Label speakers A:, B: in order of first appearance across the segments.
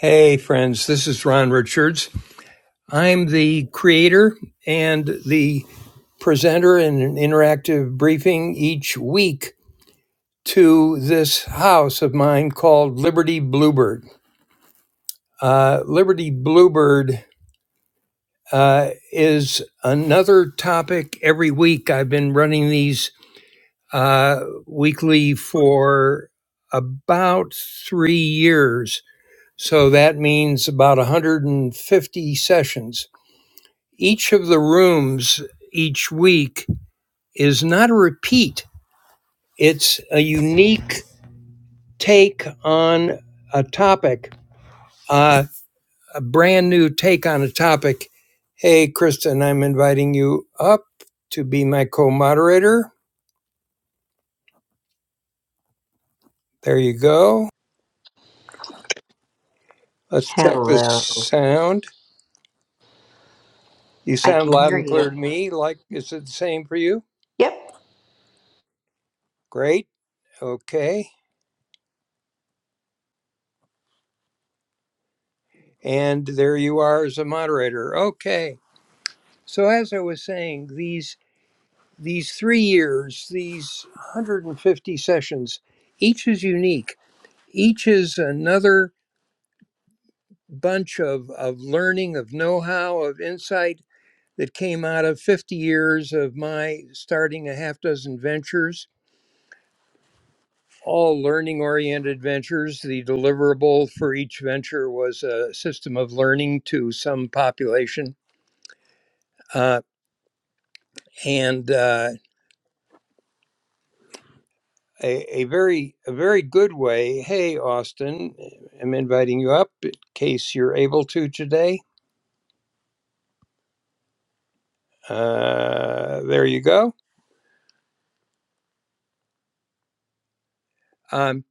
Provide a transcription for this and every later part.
A: Hey, friends, this is Ron Richards. I'm the creator and the presenter in an interactive briefing each week to this house of mine called Liberty Bluebird. Uh, Liberty Bluebird uh, is another topic every week. I've been running these uh, weekly for about three years. So that means about 150 sessions each of the rooms each week is not a repeat. It's a unique take on a topic, uh, a brand new take on a topic. Hey, Kristen, I'm inviting you up to be my co moderator. There you go. Let's check the
B: Hello.
A: sound. You
B: I
A: sound
B: can
A: loud
B: hear
A: and
B: you.
A: clear to me. Like, is it the same for you?
B: Yep.
A: Great. Okay. And there you are as a moderator. Okay. So, as I was saying, these these three years, these 150 sessions, each is unique. Each is another bunch of, of learning, of know how, of insight that came out of 50 years of my starting a half dozen ventures, all learning oriented ventures. The deliverable for each venture was a system of learning to some population. Uh, and uh, a, a very a very good way. Hey, Austin, I'm inviting you up in case you're able to today. Uh, there you go. Um,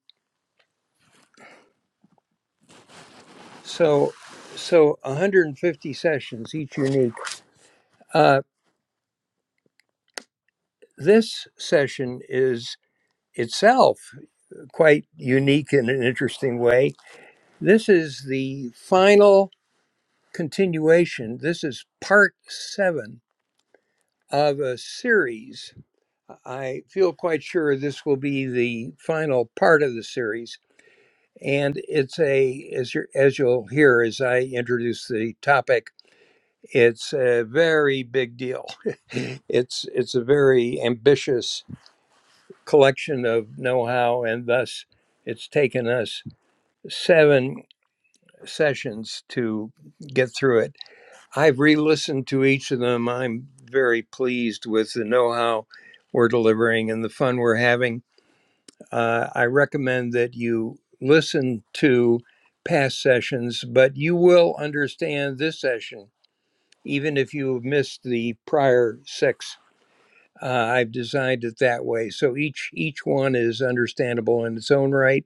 A: so so 150 sessions, each unique. Uh, this session is itself quite unique in an interesting way. This is the final continuation. This is part seven of a series I feel quite sure this will be the final part of the series, and it's a as you as you'll hear as I introduce the topic, it's a very big deal. it's it's a very ambitious collection of know-how, and thus it's taken us seven sessions to get through it. I've re-listened to each of them. I'm very pleased with the know-how we're delivering and the fun we're having uh, I recommend that you listen to past sessions, but you will understand this session, even if you have missed the prior six. Uh, I've designed it that way, so each each one is understandable in its own right,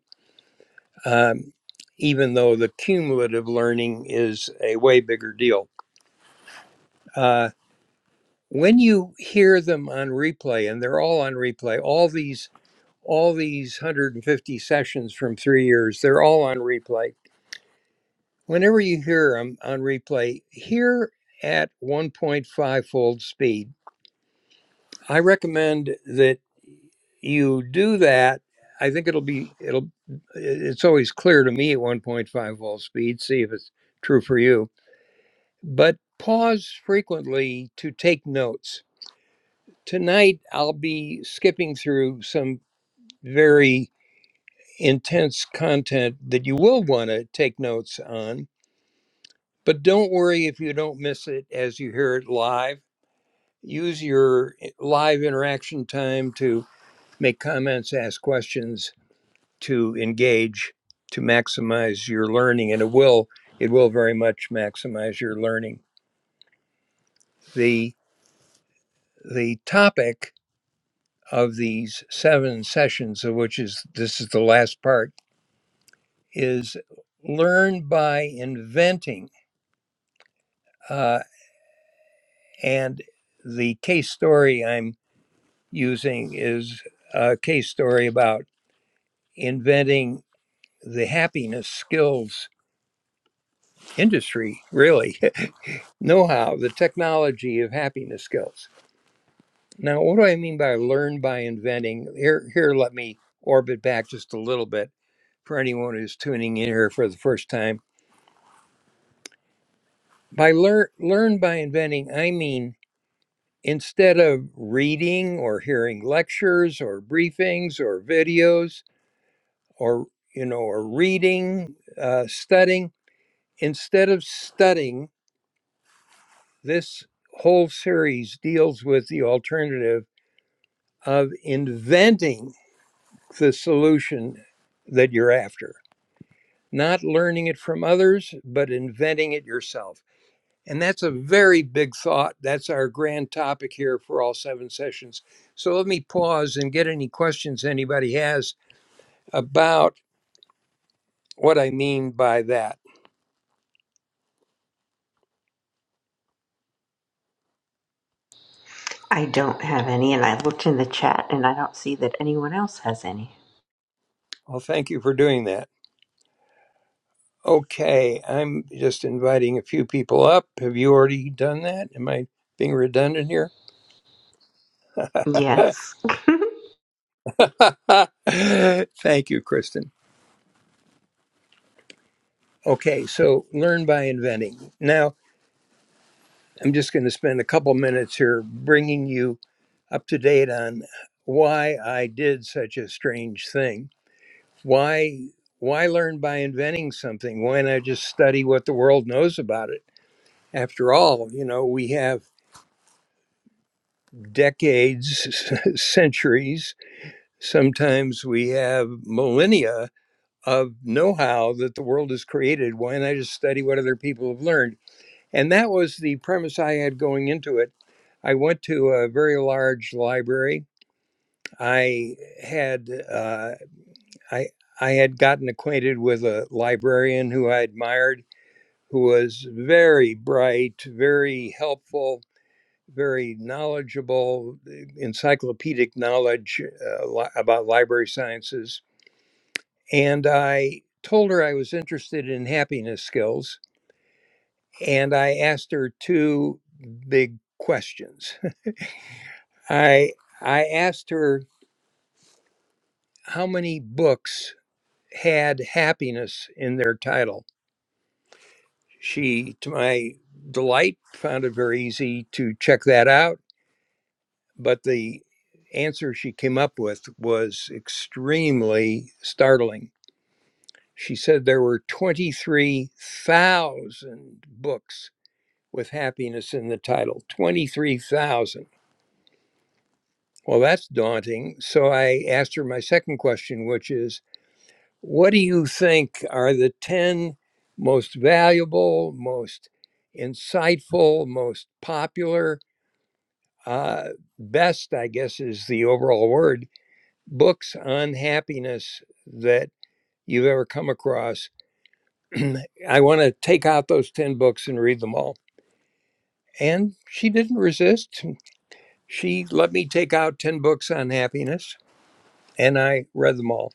A: um, even though the cumulative learning is a way bigger deal. Uh, when you hear them on replay, and they're all on replay, all these all these 150 sessions from three years, they're all on replay Whenever you hear them on replay, hear at 1.5 fold speed. I recommend that you do that. I think it'll be it'll it's always clear to me at 1.5 fold speed. See if it's true for you. But pause frequently to take notes. Tonight I'll be skipping through some very intense content that you will want to take notes on. But don't worry if you don't miss it as you hear it live use your eh, live interaction time to make comments, ask questions, to engage, to maximize your learning, and it will it will very much maximize your learning. The the topic of these seven sessions, of which is this is the last part, is learn by inventing, uh, and the case story I'm using is a case story about inventing the happiness skills industry, really, know how, the technology of happiness skills. Now, what do I mean by learn by inventing? Here, here, let me orbit back just a little bit for anyone who's tuning in here for the first time. By learn, learn by inventing, I mean instead of reading or hearing lectures or briefings or videos or you know or reading, uh, studying. Instead of studying This whole series deals with the alternative of inventing the solution that you're after, not learning it from others, but inventing it yourself. And that's a very big thought. That's our grand topic here for all seven sessions. So let me pause and get any questions anybody has about what I mean by that.
B: I don't have any, and I looked in the chat and I don't see that anyone else has any.
A: Well, thank you for doing that. Okay, I'm just inviting a few people up. Have you already done that? Am I being redundant here?
B: Yes.
A: Thank you, Kristen. Okay, so learn by inventing. Now, I'm just going to spend a couple minutes here bringing you up to date on why I did such a strange thing. Why why learn by inventing something? Why not just study what the world knows about it? After all, you know, we have decades, centuries Sometimes we have millennia of know how that the world has created. Why not just study what other people have learned? And that was the premise I had going into it. I went to a very large library. I had uh, I I had gotten acquainted with a librarian who I admired, who was very bright, very helpful, very knowledgeable, uh, encyclopedic knowledge uh, li- about library sciences And I told her I was interested in happiness skills. And I asked her two big questions. I, I asked her how many books had happiness in their title. She, to my delight, found it very easy to check that out. But the answer she came up with was extremely startling. She said there were 23,000 books with happiness in the title 23,000. Well, that's daunting. So I asked her my second question, which is what do you think are the 10 most valuable, most insightful, most popular, uh, best, I guess is the overall word, books on happiness that you've ever come across? I want to take out those 10 books and read them all. And she didn't resist. She let me take out 10 books on happiness, and I read them all.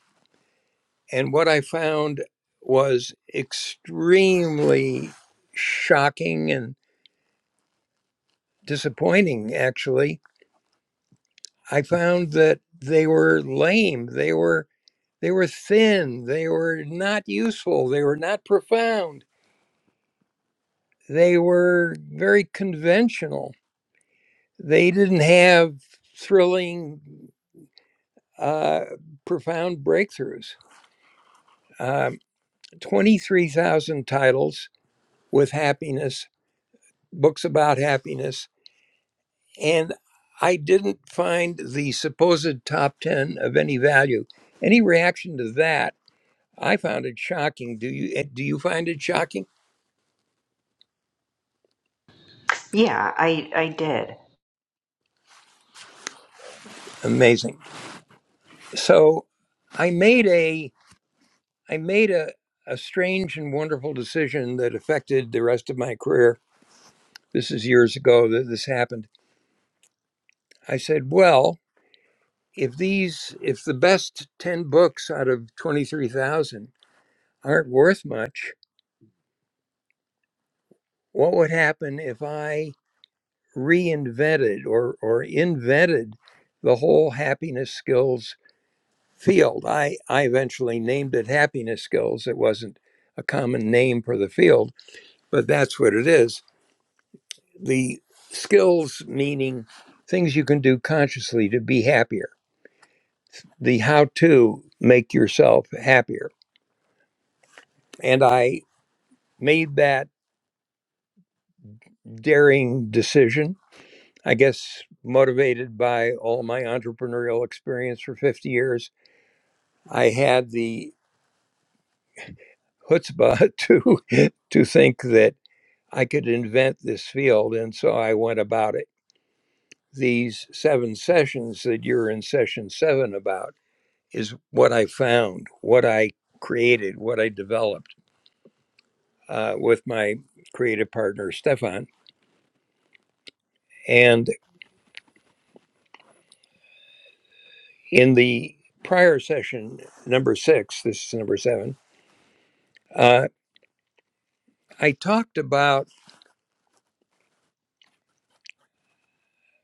A: And what I found was extremely shocking and disappointing actually. I found that they were lame, they were they were thin, they were not useful, they were not profound. They were very conventional. They didn't have thrilling uh profound breakthroughs. Uh, 23,000 titles with happiness, books about happiness, and I didn't find the supposed top 10 of any value. Any reaction to that? I found it shocking. Do you eh, do you find it shocking?
B: yeah, I, I did.
A: Amazing. So I made a I made a a strange and wonderful decision that affected the rest of my career. This is years ago that this happened. I said, "Well, if these if the best 10 books out of 23,000 aren't worth much what would happen if i reinvented or or invented the whole happiness skills field i i eventually named it happiness skills it wasn't a common name for the field but that's what it is the skills meaning things you can do consciously to be happier the how to make yourself happier and i made that daring decision. I guess motivated by all my entrepreneurial experience for 50 years, I had the chutzpah to to think that I could invent this field, and so I went about it. These seven sessions that you're in session seven about is what I found, what I created, what I developed uh, with my creative partner Stefan. And in the prior session, number six, this is number seven. uh, I talked about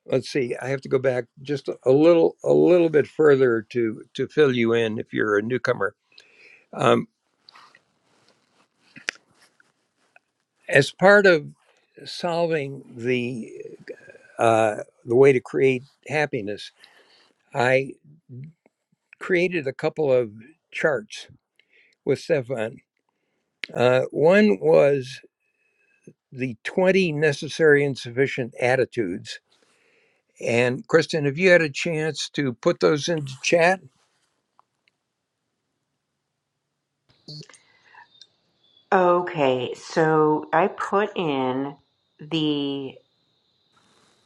A: let's see I have to go back just a little a little bit further to to fill you in if you're a newcomer um, as part of solving the uh, the way to create happiness I created a couple of charts with Stefan uh, one was the 20 necessary and sufficient attitudes and Kristen have you had a chance to put those into chat
B: Okay, so I put in the,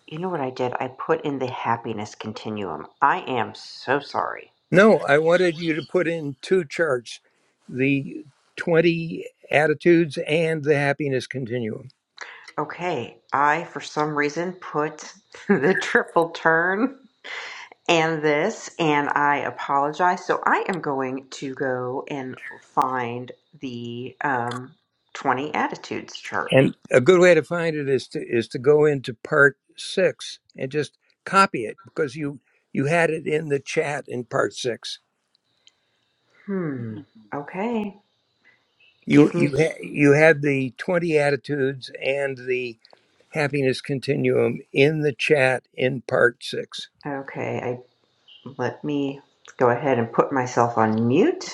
B: you know what I did? I put in the happiness continuum. I am so sorry.
A: No, I wanted you to put in two charts the 20 attitudes and the happiness continuum.
B: Okay, I for some reason put the triple turn and this, and I apologize. So I am going to go and find the um, 20 attitudes chart.
A: And a good way to find it is to is to go into part 6 and just copy it because you you had it in the chat in part 6.
B: Hmm. Okay.
A: You
B: Give me.
A: you ha- you had the 20 attitudes and the happiness continuum in the chat in part 6.
B: Okay. I let me go ahead and put myself on mute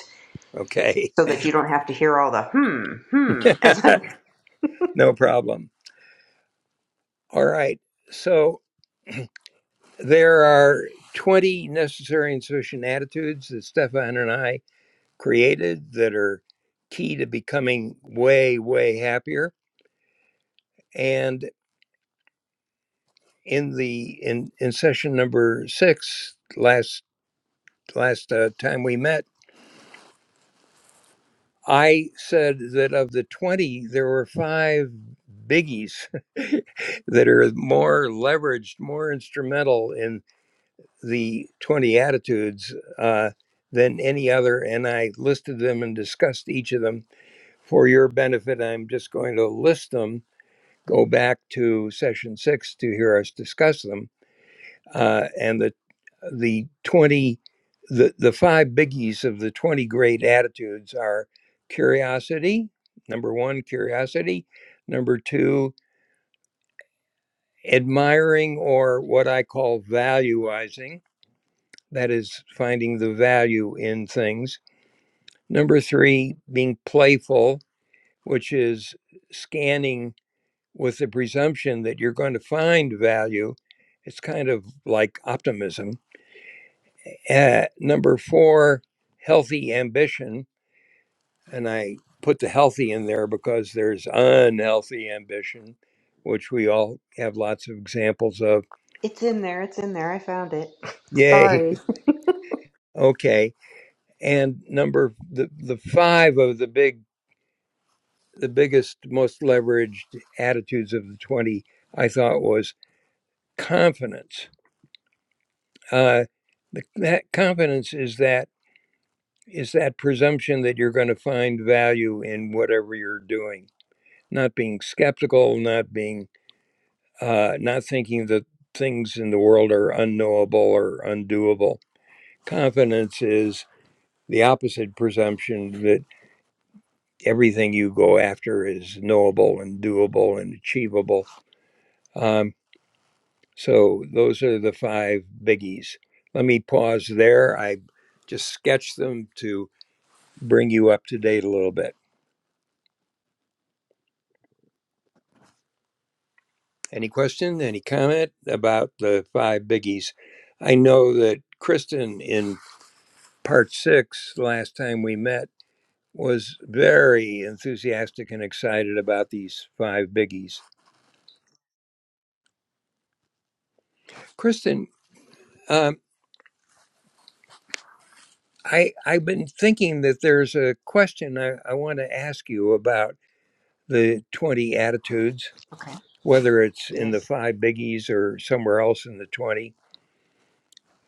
A: Okay.
B: so that you don't have to hear all the hmm hmm as I'm.
A: no problem. All right. So There are 20 necessary and sufficient attitudes that Stefan and I created that are key to becoming way, way happier. And in the in, in session number six, last last uh, time we met, I said that of the 20, there were five biggies that are more leveraged, more instrumental in. the 20 attitudes uh, than any other. And I listed them and discussed each of them for your benefit. I'm just going to list them, go back to session six to hear us discuss them. Uh, and the, the 20, the, the five biggies of the 20 great attitudes are curiosity, number one, curiosity, number two, admiring or what I call valuizing, that is, finding the value in things. Number three, being playful, which is scanning with the presumption that you're going to find value. It's kind of like optimism. Uh, number four, healthy ambition. And I put the healthy in there because there's unhealthy ambition, which we all have lots of examples of.
B: It's in there. It's in there. I found it.
A: Yay.
B: Sorry.
A: Okay. And number the, the five of the big the biggest, most leveraged attitudes of the 20, I thought, was confidence. Uh, the, that confidence is that is that presumption that you're going to find value in whatever you're doing, not being skeptical, not being uh, not thinking that things in the world are unknowable or undoable. Confidence is the opposite presumption that everything you go after is knowable and doable and achievable. Um, So those are the five biggies. Let me pause there. I just sketched them to bring you up to date a little bit. Any question, any comment about the five biggies? I know that Kristen in part six, last time we met, was very enthusiastic and excited about these five biggies. Kristen, um, I, I've been thinking that there's a question I, I want to ask you about the 20 attitudes
B: Okay.
A: whether it's in the
B: Yes.
A: five biggies or somewhere else in the 20.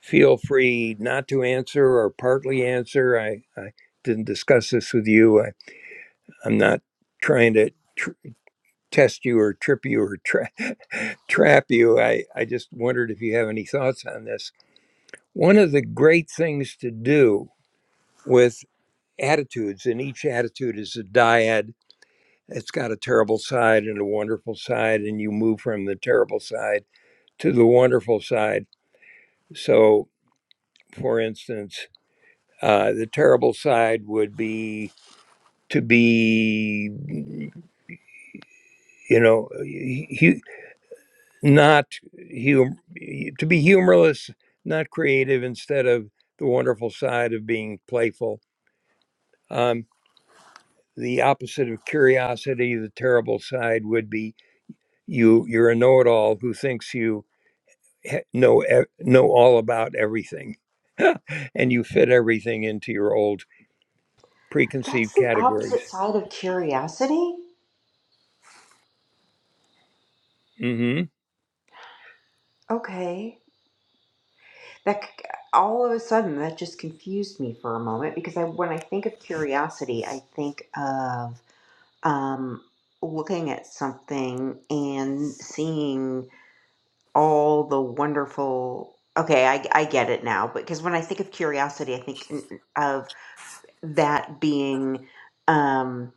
A: Feel free not to answer or partly answer. I, I didn't discuss this with you. I, I'm not trying to tr- test you or trip you or tra- trap you. I, I just wondered if you have any thoughts on this. One of the great things to do with attitudes, and each attitude is a dyad, it's got a terrible side and a wonderful side, and you move from the terrible side to the wonderful side. So for instance, uh, the terrible side would be to be, you know, hu- not hum- to be humorless, not creative, instead of the wonderful side of being playful. Um, the opposite of curiosity, the terrible side would be you. You're a know-it-all who thinks you he- know e- know all about everything, and you fit everything into your old
B: That's
A: preconceived
B: the
A: categories.
B: opposite side of curiosity.
A: hmm
B: Okay. that c- all of a sudden that just confused me for a moment because I when I think of curiosity, I think of um, looking at something and seeing all the wonderful. Okay, I, I get it now. Because when I think of curiosity, I think n- of that being um,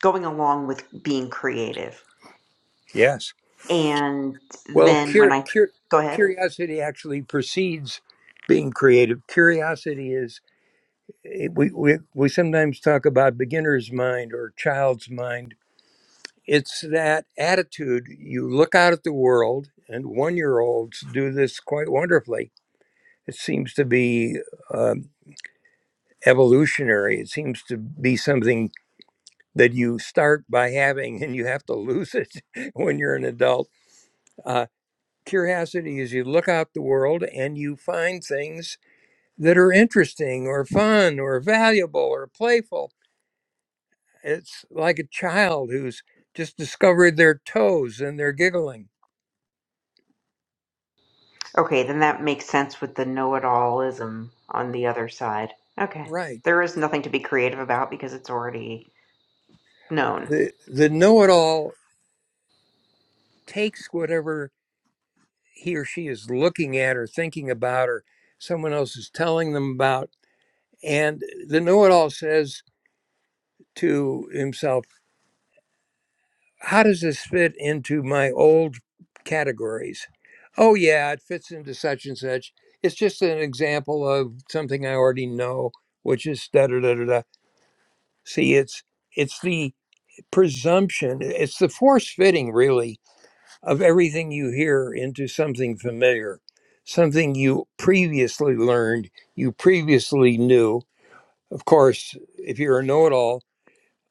B: going along with being creative.
A: Yes.
B: And
A: Well,
B: then when
A: cur-
B: I
A: cur-
B: go ahead.
A: curiosity actually precedes being creative. Curiosity is it- we, we we sometimes talk about beginner's mind or child's mind. It's that attitude. You look out at the world, and one-year-olds do this quite wonderfully. It seems to be um, evolutionary. It seems to be something that you start by having, and you have to lose it when you're an adult. Uh, curiosity is you look out the world and you find things that are interesting or fun or valuable or playful. It's like a child who's just discovered their toes and they're giggling.
B: Okay, then that makes sense with the know-it-allism on the other side. Okay.
A: Right.
B: There is nothing to be creative about because it's already known.
A: The the know-it-all takes whatever he or she is looking at or thinking about or someone else is telling them about and the know-it-all says to himself how does this fit into my old categories? Oh, yeah, it fits into such and such. It's just an example of something I already know, which is da da da da da. See, it's it's the presumption, it's the force fitting really of everything you hear into something familiar, something you previously learned, you previously knew. Of course, if you're a know it all,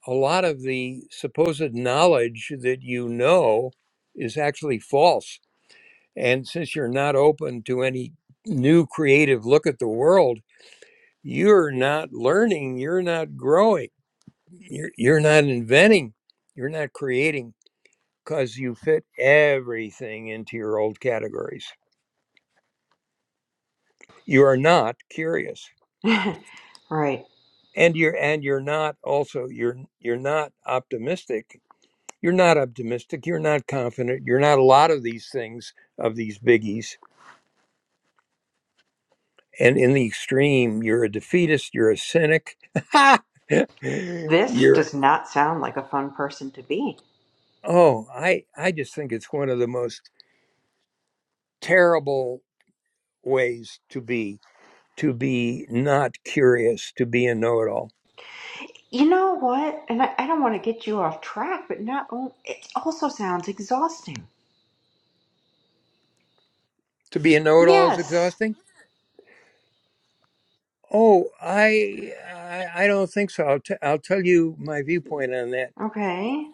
A: a lot of the supposed knowledge that you know is actually false. And since you're not open to any new creative look at the world, you're not learning, you're not growing, you're, you're not inventing, you're not creating because you fit everything into your old categories. You are not curious.
B: right.
A: And you're and you're not also you're you're not optimistic You're not optimistic. You're not confident. You're not a lot of these things, of these biggies. And in the extreme, you're a defeatist. You're a cynic.
B: This
A: you're,
B: does not sound like a fun person to be.
A: oh, I, I just think it's one of the most terrible ways to be, to be not curious, to be a know it all.
B: You know what? And I, I don't want to get you off track, but not on- it also sounds exhausting.
A: To be a know it all is
B: Yes.
A: exhausting. Oh, I, I, I don't think so. I'll, t- I'll tell you my viewpoint on that
B: Okay.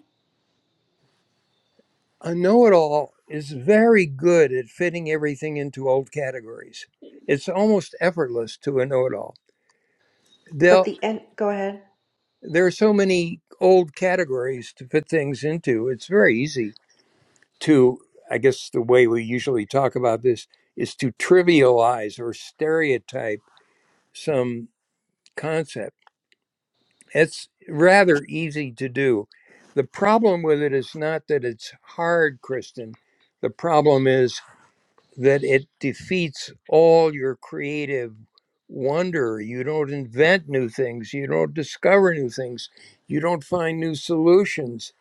A: a know it all is very good at fitting everything into old categories. It's almost effortless to a know it all.
B: But
A: They'll
B: the end. Go ahead.
A: There are so many old categories to fit things into. It's very easy to, I guess, the way we usually talk about this is to trivialize or stereotype some concept. It's rather easy to do. The problem with it is not that it's hard, Kristen. The problem is that it defeats all your creative wonder. You don't invent new things, you don't discover new things, you don't find new solutions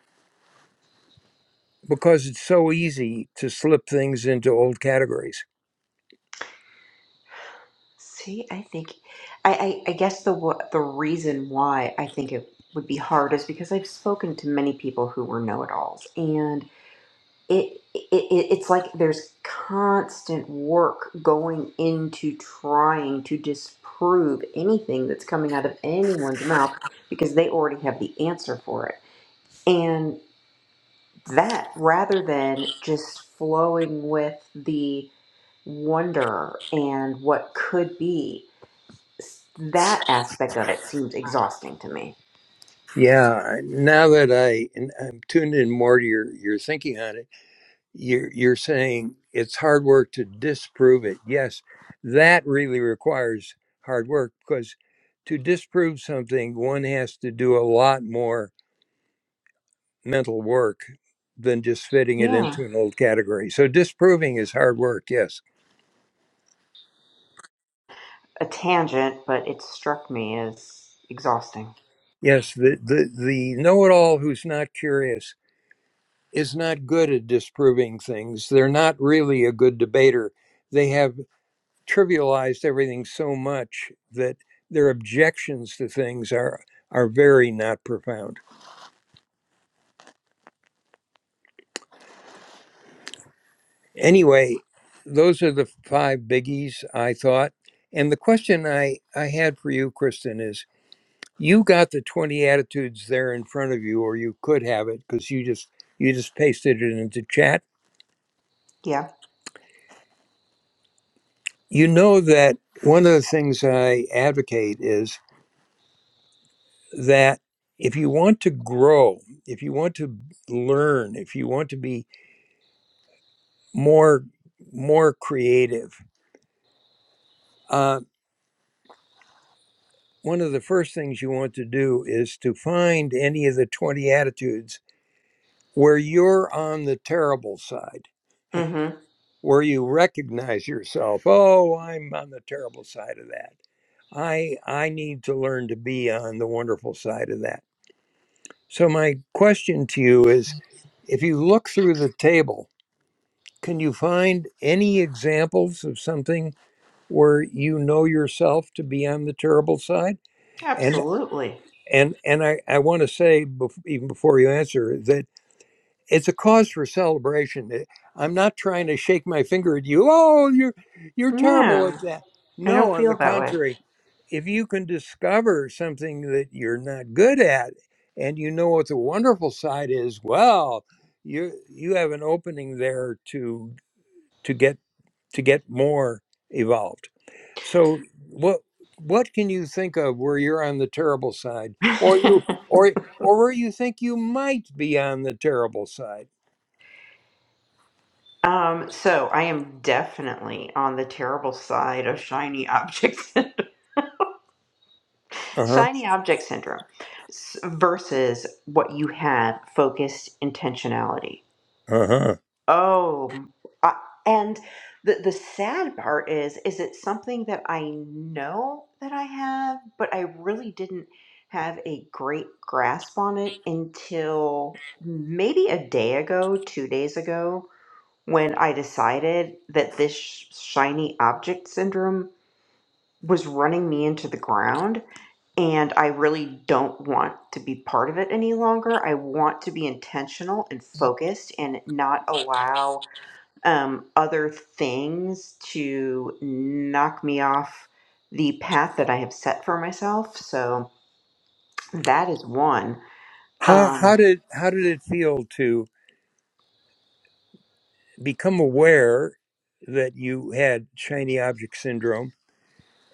A: because it's so easy to slip things into old categories.
B: See, I think, I, I, I guess the wo- the reason why I think it would be hard is because I've spoken to many people who were know-it-alls, and it, it, it it's like there's constant work going into trying to disprove anything that's coming out of anyone's mouth because they already have the answer for it, and that rather than just flowing with the wonder and what could be that aspect of it seems exhausting to me.
A: Yeah, now that I I'm tuned in more to your your thinking on it, you're you're saying it's hard work to disprove it. Yes, that really requires hard work because to disprove something, one has to do a lot more mental work than just fitting it
B: Yeah.
A: into an old category. So disproving is hard work. Yes,
B: A tangent, but it struck me as exhausting.
A: yes. The the the know-it-all who's not curious is not good at disproving things. They're not really a good debater. They have trivialized everything so much that their objections to things are are very not profound. Anyway, those are the five biggies I thought. And the question I, I had for you, Kristen, is you got the 20 attitudes there in front of you or you could have it because you just you just pasted it into chat
B: Yeah.
A: you know that one of the things i advocate is that if you want to grow if you want to learn if you want to be more more creative uh, one of the first things you want to do is to find any of the 20 attitudes where you're on the terrible side
B: Mm-hmm.
A: where you recognize yourself oh i'm on the terrible side of that i i need to learn to be on the wonderful side of that so my question to you is if you look through the table can you find any examples of something where you know yourself to be on the terrible side and
B: Absolutely.
A: and and i i want to say bef- even before you answer that it's a cause for celebration. Eh, I'm not trying to shake my finger at you. Oh, you're you're terrible
B: No,
A: at that.
B: I
A: No,
B: don't
A: on
B: feel
A: the
B: that way.
A: contrary, if you can discover something that you're not good at, and you know what the wonderful side is, well, you you have an opening there to to get to get more evolved. So what what can you think of where you're on the terrible side, or you or or where you think you might be on the terrible side?
B: um, so I am definitely on the terrible side of shiny objects,
A: Uh-huh.
B: shiny object syndrome versus what you have focused intentionality
A: Uh-huh.
B: Oh, I, and the the sad part is, is it something that I know that I have, but I really didn't have a great grasp on it until maybe a day ago, two days ago, when I decided that this sh- shiny object syndrome was running me into the ground, and I really don't want to be part of it any longer. I want to be intentional and focused and not allow um, other things to knock me off the path that I have set for myself. So that is one.
A: How how
B: Um,
A: did how did it feel to become aware that you had shiny object syndrome?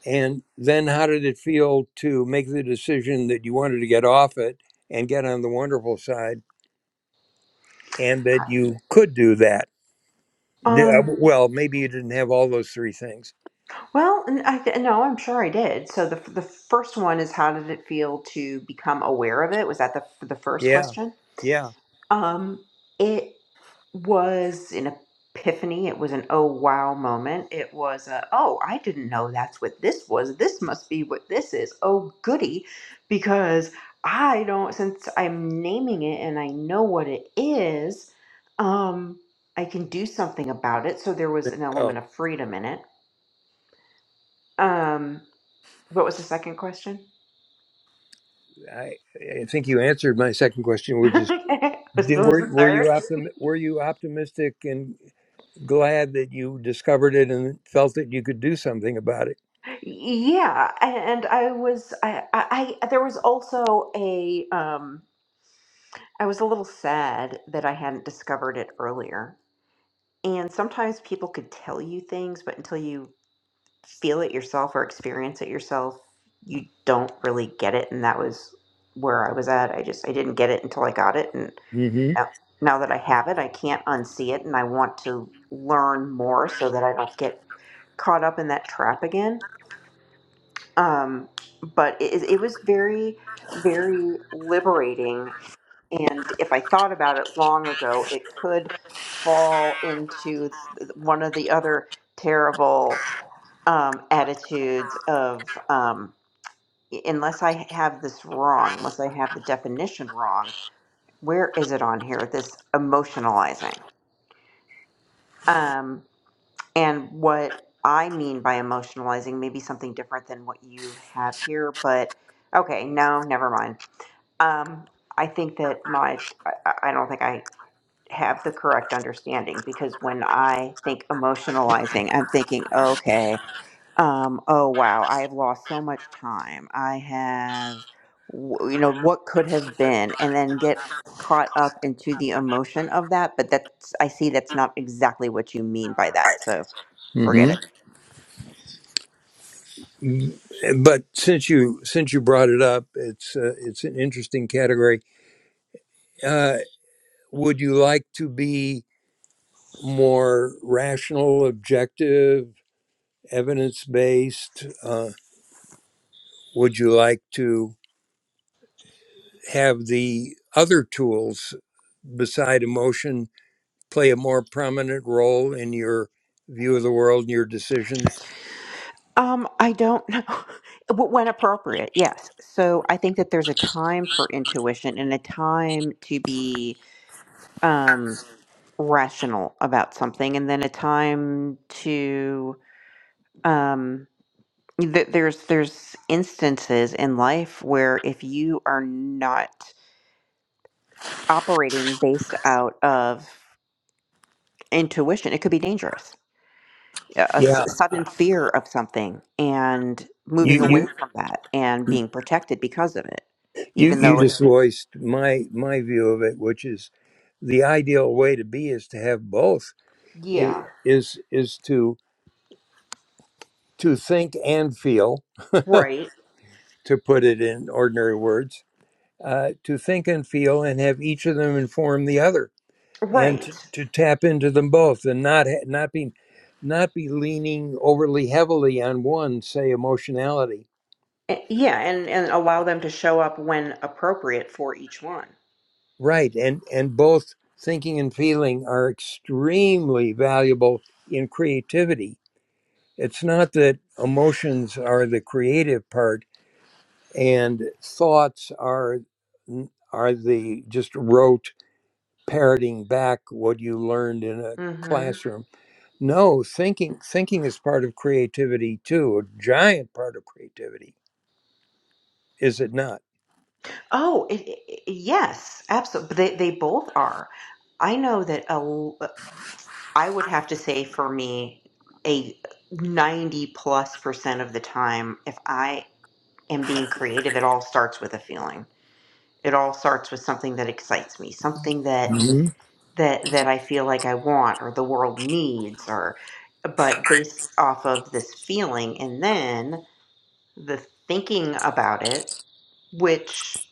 A: And then how did it feel to make the decision that you wanted to get off it and get on the wonderful side and that you could do that? Yeah,
B: um,
A: well, maybe you didn't have all those three things.
B: well, n- I th- no, I'm sure I did. So the, f- the first one is how did it feel to become aware of it? Was that the, f- the first
A: Yeah.
B: question?
A: Yeah.
B: Um, it was an epiphany. It was an oh wow moment. It was a oh, I didn't know that's what this was. This must be what this is. Oh goody, because I don't since I'm naming it and I know what it is, um, I can do something about it. So there was an
A: Oh,
B: element of freedom in it. Um, what was the second question?
A: I, I think you answered my second question, which is,
B: Was
A: did,
B: what was the
A: were, were you
B: third?
A: optim, were you optimistic and? glad that you discovered it and felt that you could do something about it.
B: Yeah, and I was I, I I there was also a um I was a little sad that I hadn't discovered it earlier. And sometimes people could tell you things, but until you feel it yourself or experience it yourself, you don't really get it. And that was where I was at. I just I didn't get it until I got it, and
A: hmm
B: now now that I have it, I can't unsee it, and I want to learn more so that I don't get caught up in that trap again. um, but it, it was very very liberating and if i thought about it long ago it could fall into th- one of the other terrible um, attitudes of um, unless i have this wrong unless i have the definition wrong where is it on here this emotionalizing Um, And what I mean by emotionalizing may be something different than what you have here, but okay, no, never mind. Um, I think that my, I, I don't think I have the correct understanding because when I think emotionalizing, I'm thinking, okay, um, oh wow, I have lost so much time. I have, w- you know, what could have been, and then get caught up into the emotion of that. But that's, I see that's not exactly what you mean by that. So forget
A: hmm
B: it.
A: But since you since you brought it up, it's uh, it's an interesting category. Uh, would you like to be more rational, objective, evidence based? Uh, would you like to have the other tools beside emotion play a more prominent role in your view of the world and your decisions?
B: Um, I don't know. W- when appropriate, yes. So I think that there's a time for intuition and a time to be um, rational about something, and then a time to um, th- there's there's instances in life where if you are not operating based out of intuition, it could be dangerous a a s-
A: Yeah,
B: sudden fear of something and moving
A: you
B: away
A: you.
B: from that and being protected because of it
A: You
B: even
A: you
B: though it
A: just voiced my my view of it, which is the ideal way to be is to have both. i-
B: yeah
A: Is is to to think and feel,
B: right
A: to put it in ordinary words, uh, to think and feel, and have each of them inform the other, and
B: right
A: to, to tap into them both, and not ha- not be not be leaning overly heavily on one, say emotionality,
B: A- yeah and and allow them to show up when appropriate for each one
A: right? And and both thinking and feeling are extremely valuable in creativity It's not that emotions are the creative part and thoughts are are the just rote parroting back what you learned in a
B: hmm
A: classroom. No, thinking thinking is part of creativity too, a giant part of creativity, is it not?
B: oh it, it, it- yes absolutely they, they both are i know that a l- uh, I would have to say for me a 90 plus percent of the time if i am being creative it all starts with a feeling it all starts with something that excites me something that
A: Mhm.
B: that that i feel like i want or the world needs or but based off of this feeling and then the thinking about it which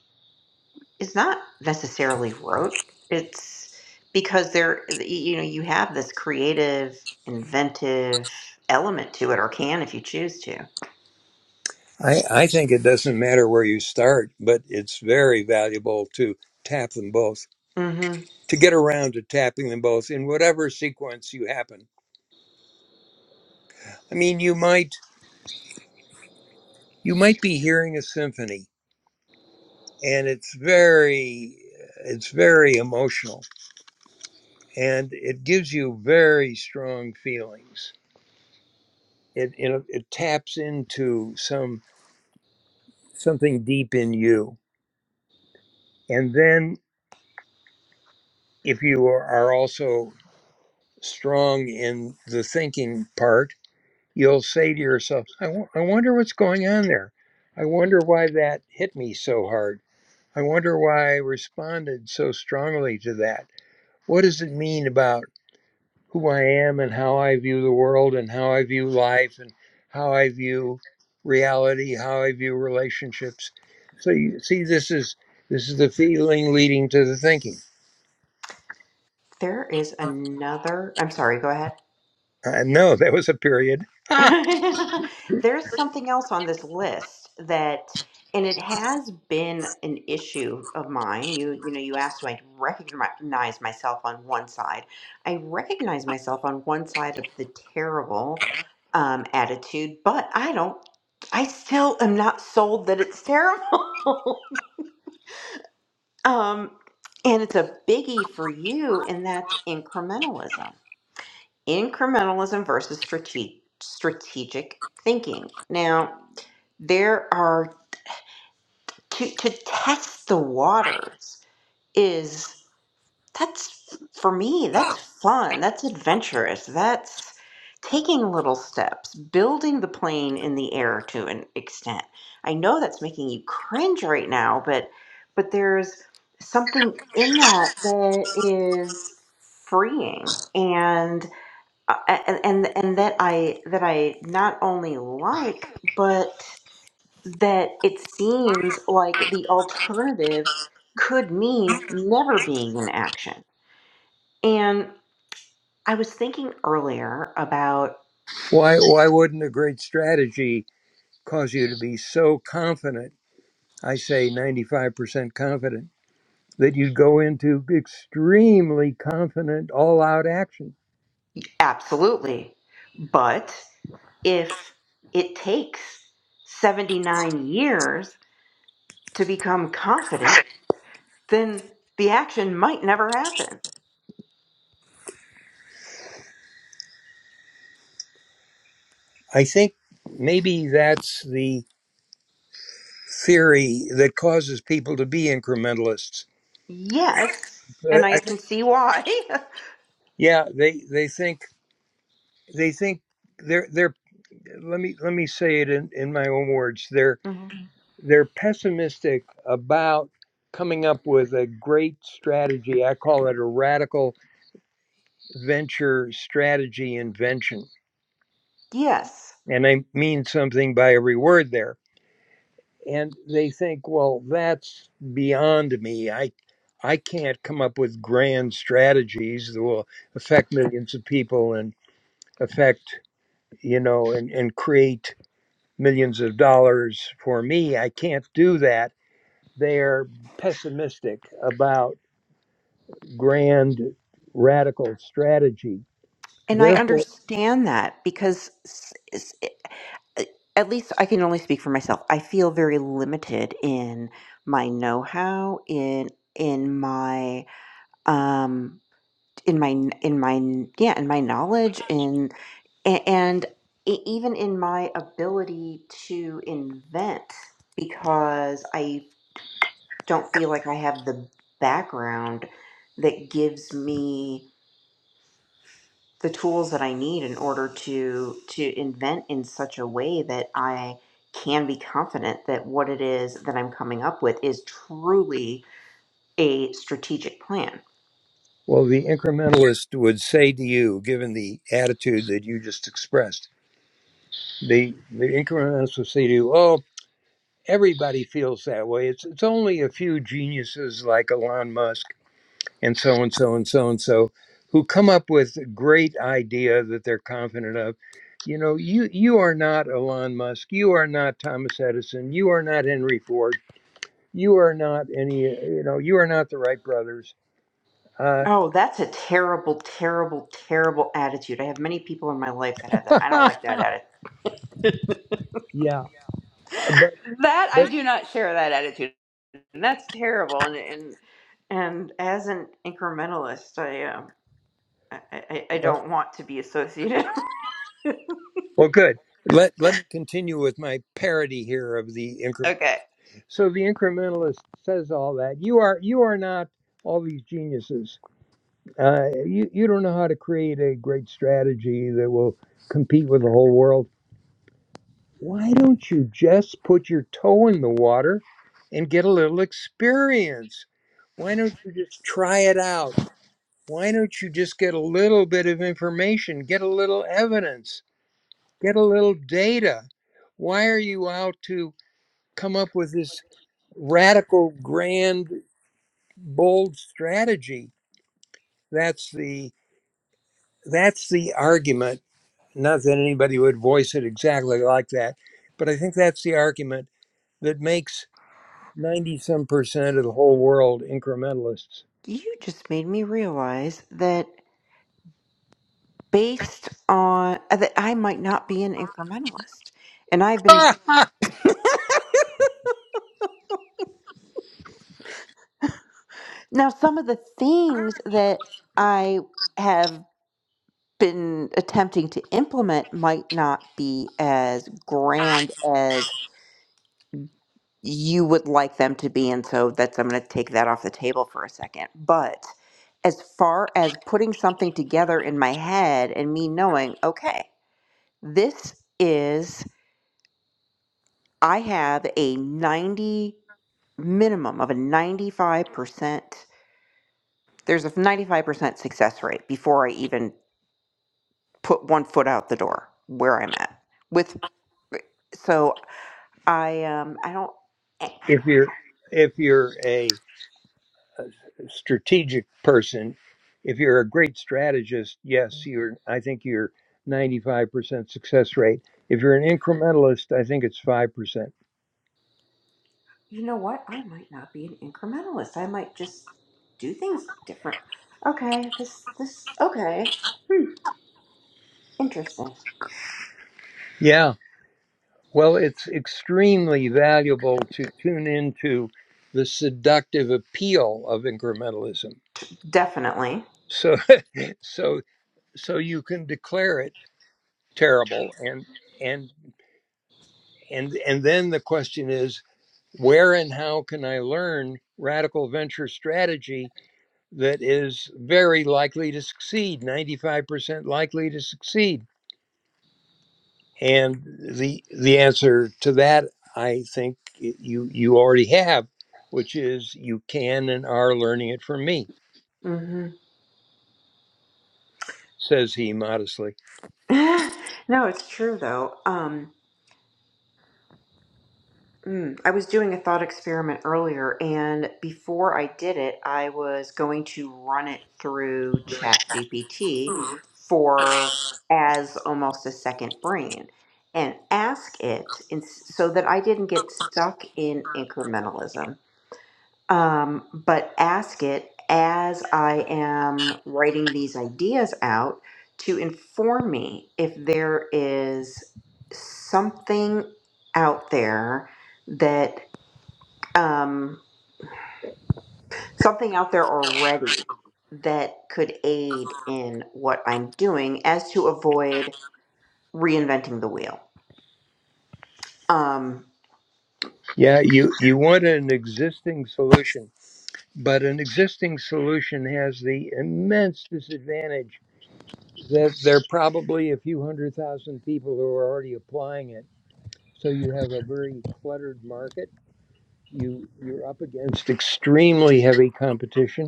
B: is not necessarily rote it's because there you know you have this creative inventive element to it or can if you choose to
A: I, I think it doesn't matter where you start, but it's very valuable to tap them both,
B: hmm
A: to get around to tapping them both in whatever sequence you happen. I mean, you might you might be hearing a symphony and it's very it's very emotional and it gives you very strong feelings it you know it taps into some something deep in you and then if you are are also strong in the thinking part you'll say to yourself I wo- I wonder what's going on there i wonder why that hit me so hard i wonder why i responded so strongly to that what does it mean about who I am and how I view the world and how I view life and how I view reality, how I view relationships. So you see, this is this is the feeling leading to the thinking.
B: there is another i'm sorry go ahead
A: I know there was a period. Ah,
B: There's something else on this list that, and it has been an issue of mine. You, you know, you asked, do I recognize myself on one side? I recognize myself on one side of the terrible um, attitude, but I don't. I still am not sold that it's terrible. um, and it's a biggie for you, and that's incrementalism. Incrementalism versus strate- strategic thinking. Now, there are to to test the waters is that's for me that's fun that's adventurous that's taking little steps building the plane in the air to an extent i know that's making you cringe right now but but there's something in that that is freeing and uh, and and, and that i that i not only like but that it seems like the alternative could mean never being in action. And I was thinking earlier about
A: why why wouldn't a great strategy cause you to be so confident? I say 95% confident that you'd go into extremely confident all out action.
B: absolutely, but if it takes 79 years to become confident, then the action might never happen.
A: I think maybe that's the theory that causes people to be incrementalists.
B: Yes,
A: Uh,
B: and I
A: I-
B: can see why.
A: yeah, they they think they think they're they're let me let me say it in, in my own words. They're
B: Mhm.
A: they're pessimistic about coming up with a great strategy. I call it a radical venture strategy invention.
B: Yes.
A: And I mean something by every word there and they think, well, that's beyond me. I I can't come up with grand strategies that will affect millions of people and affect, you know, and, and create millions of dollars for me. I can't do that. They're pessimistic about grand radical strategy.
B: And I
A: Therefore,
B: understand that because at least I can only speak for myself. I feel very limited in my know-how in in my um in my in my yeah in my knowledge in a- and e- even in my ability to invent because I don't feel like I have the background that gives me the tools that I need in order to to invent in such a way that I can be confident that what it is that I'm coming up with is truly a strategic plan.
A: well, the incrementalist would say to you, given the attitude that you just expressed, the, the incrementalist would say to you, oh, everybody feels that way. It's it's only a few geniuses like Elon Musk and so and so and so and so who come up with a great idea that they're confident of. You know, you you are not Elon Musk. You are not Thomas Edison. You are not Henry Ford. You are not any. uh, You know, you are not the Wright brothers. Uh,
B: Oh, that's a terrible, terrible, terrible attitude. I have many people in my life that have that. I don't like that attitude.
A: yeah, but
B: That I do not share that attitude. And that's terrible. And and and as an incrementalist, I um I, I, I
A: well,
B: don't want to be associated.
A: well, good. Let let me continue with my parody here of the incremental.
B: okay.
A: So the incrementalist says all that. You are you are not all these geniuses. Uh, you you don't know how to create a great strategy that will compete with the whole world. Why don't you just put your toe in the water and get a little experience? Why don't you just try it out? Why don't you just get a little bit of information, get a little evidence, get a little data? Why are you out to come up with this radical, grand bold strategy. That's the that's the argument. Not that anybody would voice it exactly like that, but I think that's the argument that makes ninety some percent of the whole world incrementalists.
B: You just made me realize that based on uh, that I might not be an incrementalist. And I've been now some of the things that I have been attempting to implement might not be as grand as you would like them to be and so that's I'm going to take that off the table for a second. But as far as putting something together in my head and me knowing, okay, this is I have a 90 minimum of a 95%. There's a 95% success rate before I even put one foot out the door where I'm at. With so I um I don't eh,
A: if you're if you're a strategic person, if you're a great strategist, yes, you're. I think you're ninety five percent success rate. If you're an incrementalist, I think it's five percent.
B: you know what? I might not be an incrementalist. I might just do things different. Okay, this this okay. Hmm, interesting.
A: Yeah, Well, it's extremely valuable to tune into the seductive appeal of incrementalism.
B: Definitely.
A: So so so you can declare it terrible and and and and then the question is where and how can I learn radical venture strategy that is very likely to succeed, 95% likely to succeed? And the the answer to that, I think you you already have, which is you can and are learning it from me,
B: Mhm.
A: says he modestly.
B: no, it's true though. Um Mm. I was doing a thought experiment earlier, and before I did it, I was going to run it through ChatGPT for as almost a second brain and ask it in, so that I didn't get stuck in incrementalism um, but ask it as I am writing these ideas out to inform me if there is something out there that um, something out there already that could aid in what I'm doing as to avoid reinventing the wheel. Um,
A: Yeah, you you want an existing solution, but an existing solution has the immense disadvantage that there are probably a few hundred thousand people who are already applying it. So you have a very cluttered market. You you're up against extremely heavy competition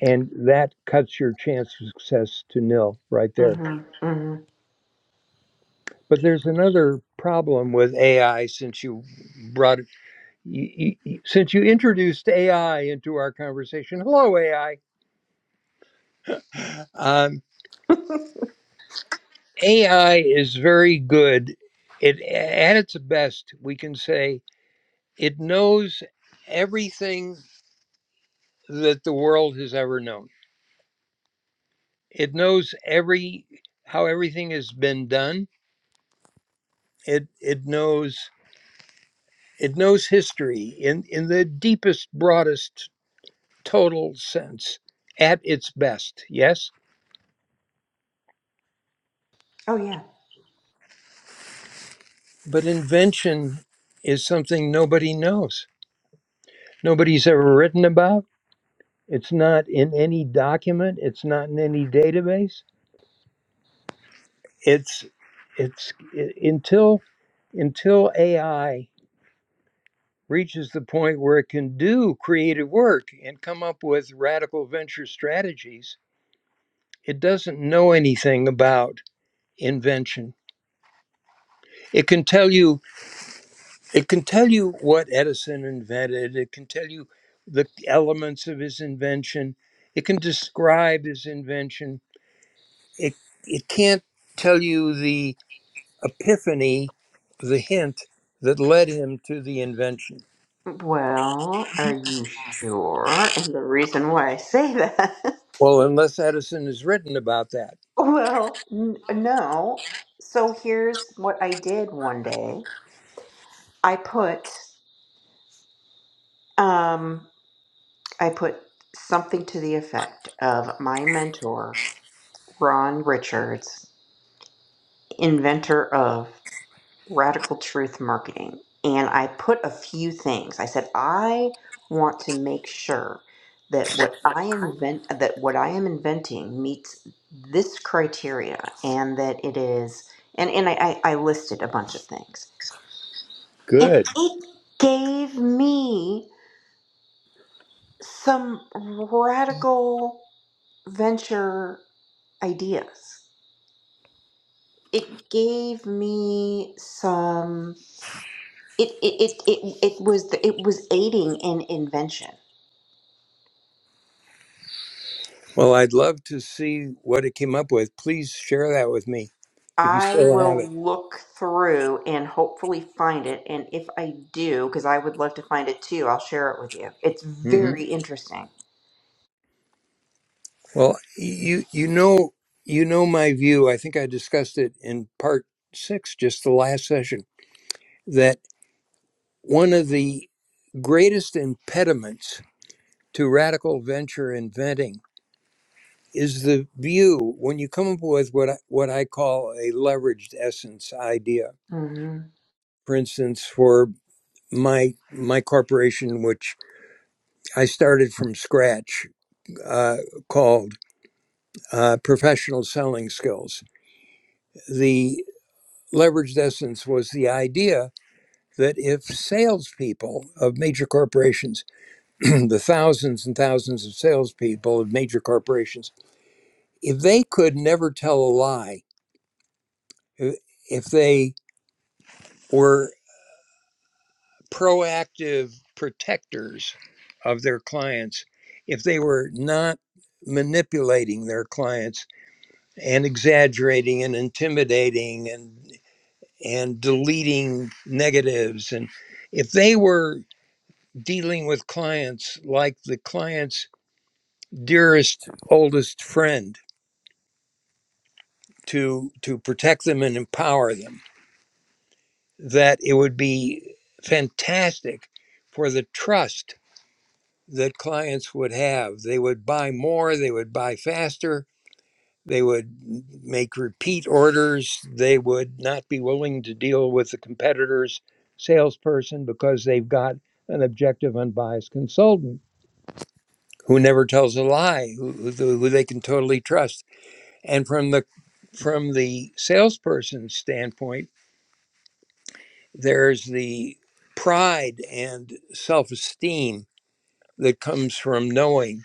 A: and that cuts your chance of success to nil right there.
B: mhm, mhm.
A: But there's another problem with AI since you brought it, you, you, since you introduced AI into our conversation. Hello, AI. Um, AI is very good. It at its best, we can say it knows everything that the world has ever known. It knows every how everything has been done. It it knows It knows history in, in the deepest, broadest, total sense at its best, yes?
B: Oh, yeah.
A: But invention is something nobody knows. Nobody's ever written about. It's not in any document, it's not in any database. It's it's i- until until AI reaches the point where it can do creative work and come up with radical venture strategies, it doesn't know anything about invention It can tell you it can tell you what Edison invented. It can tell you the elements of his invention. It can describe his invention. It it can't tell you the epiphany, the hint that led him to the invention.
B: Well, are you sure? And the reason why I say that
A: Well, unless Edison has written about that.
B: Well, n- no. So here's what I did one day. I put um I put something to the effect of my mentor, Ron Richards, inventor of radical truth marketing. And I put a few things. I said I want to make sure that what I invent that what I am inventing meets this criteria and that it is and, and I, I I listed a bunch of things And
A: Good.
B: it gave me some radical venture ideas. It gave me some it it it it, it was the, it was aiding in invention.
A: Well, I'd love to see what it came up with. Please share that with me if you
B: I
A: still have
B: will look through and hopefully find it and if I do because I would love to find it too, I'll share it with you. It's
A: it.
B: very interesting.
A: Well, you you know you know my view. I think I discussed it in part six, just the last session, that one of the greatest impediments to radical venture inventing is the view when you come up with what I, what I call a leveraged essence idea.
B: Mhm.
A: For instance, for my my corporation, which I started from scratch, uh, called uh, Professional Selling Skills. leveraged essence was the idea that if salespeople of major corporations, the thousands and thousands of salespeople of major corporations, if they could never tell a lie, if they were proactive protectors of their clients, if they were not manipulating their clients and exaggerating and intimidating and and deleting negatives and if they were dealing with clients like the client's dearest oldest friend to to protect them and empower them that it would be fantastic for the trust that clients would have they would buy more they would buy faster they would make repeat orders they would not be willing to deal with the competitors salesperson because they've got an objective unbiased consultant who never tells a lie, who, who, who they can totally trust. And from the from the salesperson's standpoint, there's the pride and self-esteem that comes from knowing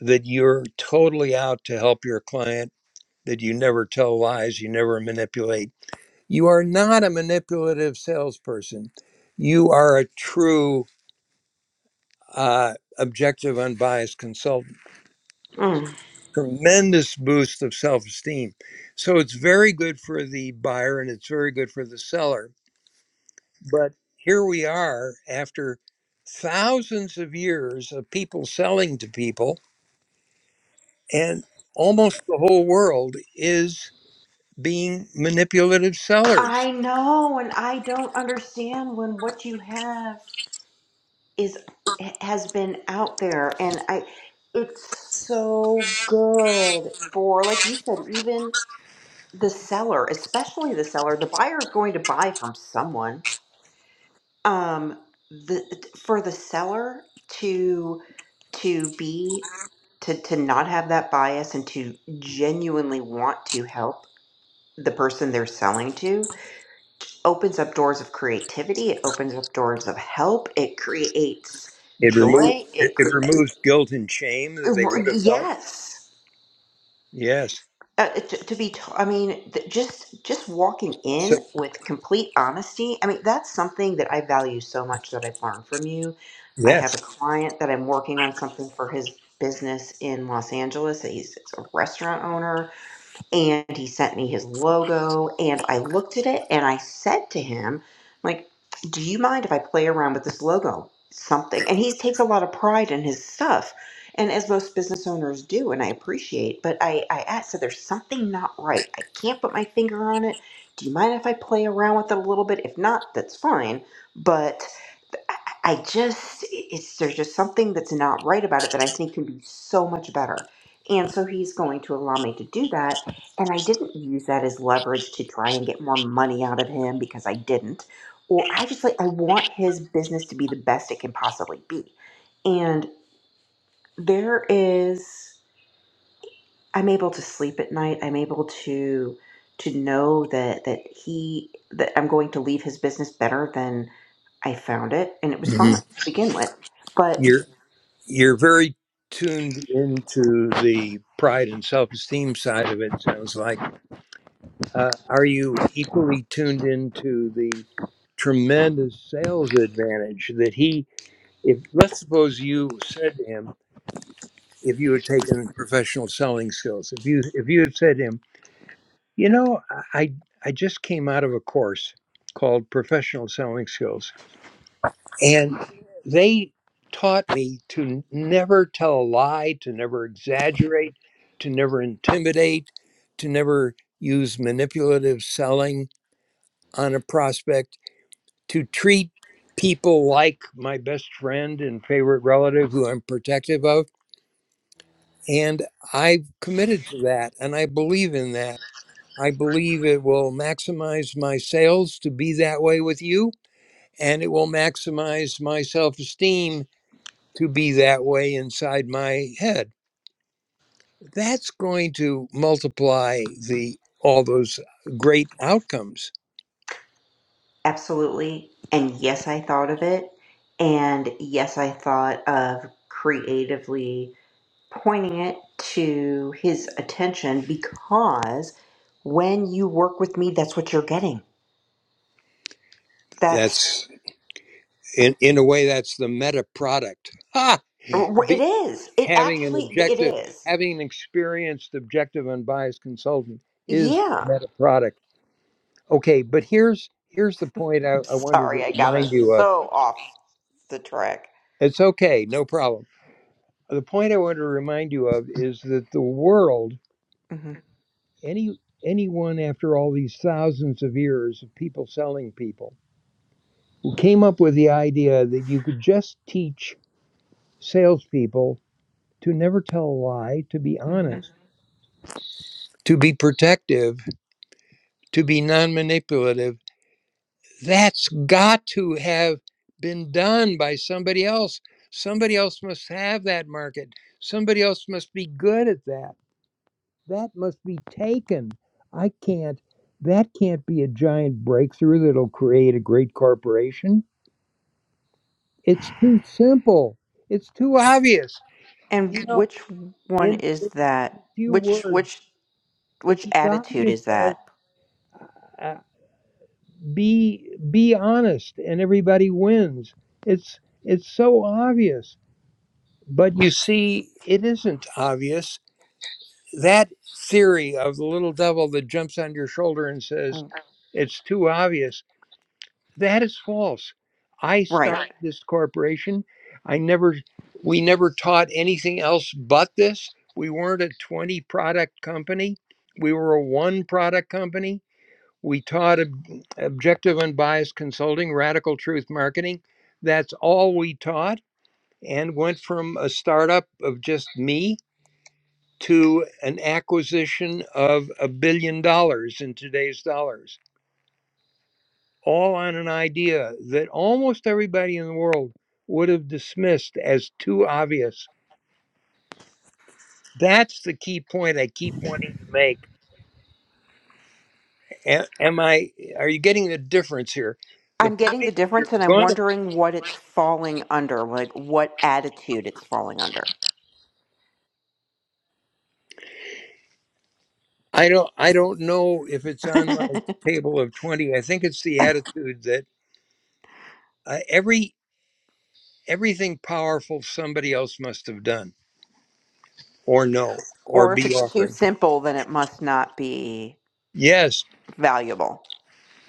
A: that you're totally out to help your client, that you never tell lies, you never manipulate. You are not a manipulative salesperson. You are a true, uh, objective, unbiased consultant
B: Mm.
A: tremendous boost of self esteem. So it's very good for the buyer and it's very good for the seller. But here we are after thousands of years of people selling to people, and almost the whole world is being manipulative sellers.
B: I know and I don't understand when what you have is has been out there and i it's so good for like you said even the seller especially the seller the buyer is going to buy from someone um the for the seller to to be to to not have that bias and to genuinely want to help the person they're selling to opens up doors of creativity it opens up doors of help it creates
A: It removes
B: joy
A: it
B: it cre-
A: it removes guilt and shame that they
B: R-
A: would have felt.
B: Yes.
A: Yes.
B: Uh, to, to be, t- I mean, th- just just walking
A: So
B: in with complete honesty. I mean, that's something that I value so much that I've learned from you. I
A: yes.
B: have a client that I'm working on something for his business in Los Angeles. He's, he's a restaurant owner and he sent me his logo and I looked at it and I said to him like do you mind if I play around with this logo something and he takes a lot of pride in his stuff and as most business owners do and I appreciate but I I asked so there's something not right I can't put my finger on it do you mind if I play around with it a little bit if not that's fine but I just it's there's just something that's not right about it that I think can be so much better. And so he's going to allow me to do that. And I didn't use that as leverage to try and get more money out of him because I didn't. Or I just like I want his business to be the best it can possibly be. And there is I'm able to sleep at night. I'm able to to know that that he that I'm going to leave his business better than I found it and it was fine to
A: Mhm.
B: begin with. but.
A: You're you're very tuned into the pride and self-esteem side of it sounds like uh, are you equally tuned into the tremendous sales advantage that he if let's suppose you said to him if you had taken professional selling skills if you if you had said to him you know i i just came out of a course called professional selling skills And they taught me to never tell a lie, to never exaggerate, to never intimidate, to never use manipulative selling on a prospect, to treat people like my best friend and favorite relative who I'm protective of. And I've committed to that and I believe in that. I believe it will maximize my sales to be that way with you, and it will maximize my self esteem to be that way inside my head. That's going to multiply the all those great outcomes.
B: Absolutely. And yes, I thought of it. And yes, I thought of creatively pointing it to his attention because when you work with me, that's what you're getting. That's
A: That's in in a way that's the meta product. Ha!
B: it is. It
A: Having an
B: actually it
A: objective,
B: is.
A: having an experienced, objective, unbiased consultant is the
B: Yeah.
A: meta product. Okay, but here's here's the point I,
B: I'm
A: I wanted
B: sorry,
A: to
B: I got us
A: remind you of.
B: so off the track.
A: It's okay, no problem. The point I want to remind you of is that the world
B: hmm
A: any anyone after all these thousands of years of people selling people who came up with the idea that you could just teach salespeople to never tell a lie, to be
B: hmm
A: honest, to be protective, to be non manipulative. That's got to have been done by somebody else. Somebody else must have that market. Somebody else must be good at that That must be taken. I can't, that can't be a giant breakthrough that'll create a great corporation. It's too simple. It's too obvious.
B: And
A: You know,
B: which one
A: in
B: is that?
A: a few
B: Which
A: words,
B: which?
A: it's
B: Which
A: as
B: attitude
A: obvious
B: is
A: as
B: that?
A: uh, be be honest and everybody wins. It's it's so obvious. But you see, it isn't obvious. That theory of the little devil that jumps on your shoulder and says,
B: Mm.
A: it's too obvious That is false. I Right.
B: Right.
A: started this corporation. I never, we never taught anything else but this. We weren't a 20 product company. We were a one product company. We taught ob- objective unbiased consulting, radical truth marketing. That's all we taught and went from a startup of just me to an acquisition of a billion dollars in today's dollars all on an idea that almost everybody in the world would have dismissed as too obvious. That's the key point I keep wanting to make. Am I? Are you getting the difference here? The
B: I'm
A: point.
B: getting the difference and I'm wondering what it's falling under, like what attitude it's falling under.
A: I don't. I don't know if it's on my table of twenty. I think it's the attitude that uh, every everything powerful somebody else must have done, or know, or
B: or if
A: be
B: it's too
A: offering.
B: simple, then it must not be
A: Yes,
B: valuable.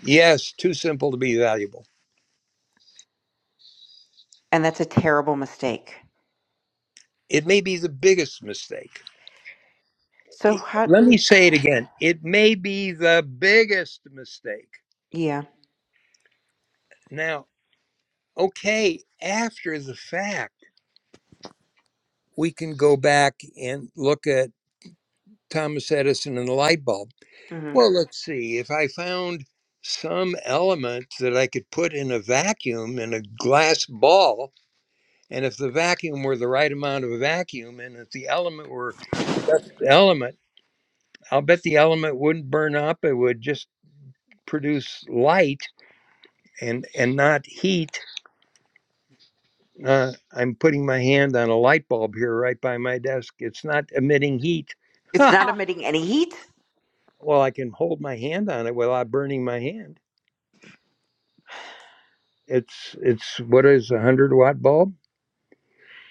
A: yes. Too simple to be valuable.
B: And that's a terrible mistake.
A: It may be the biggest mistake.
B: So,
A: it-
B: how,
A: let me say it again. It may be the biggest mistake.
B: yeah.
A: Now, okay, after the fact, we can go back and look at Thomas Edison and the light bulb.
B: hmm
A: Well, let's see. If I found some element that I could put in a vacuum in a glass ball, and if the vacuum were the right amount of a vacuum, and if the element were the element, I'll bet the element wouldn't burn up. It would just produce light and and not heat Uh, I'm putting my hand on a light bulb here right by my desk. It's not emitting heat.
B: It's not emitting any heat.
A: well, I can hold my hand on it without burning my hand. It's it's what is a hundred watt bulb.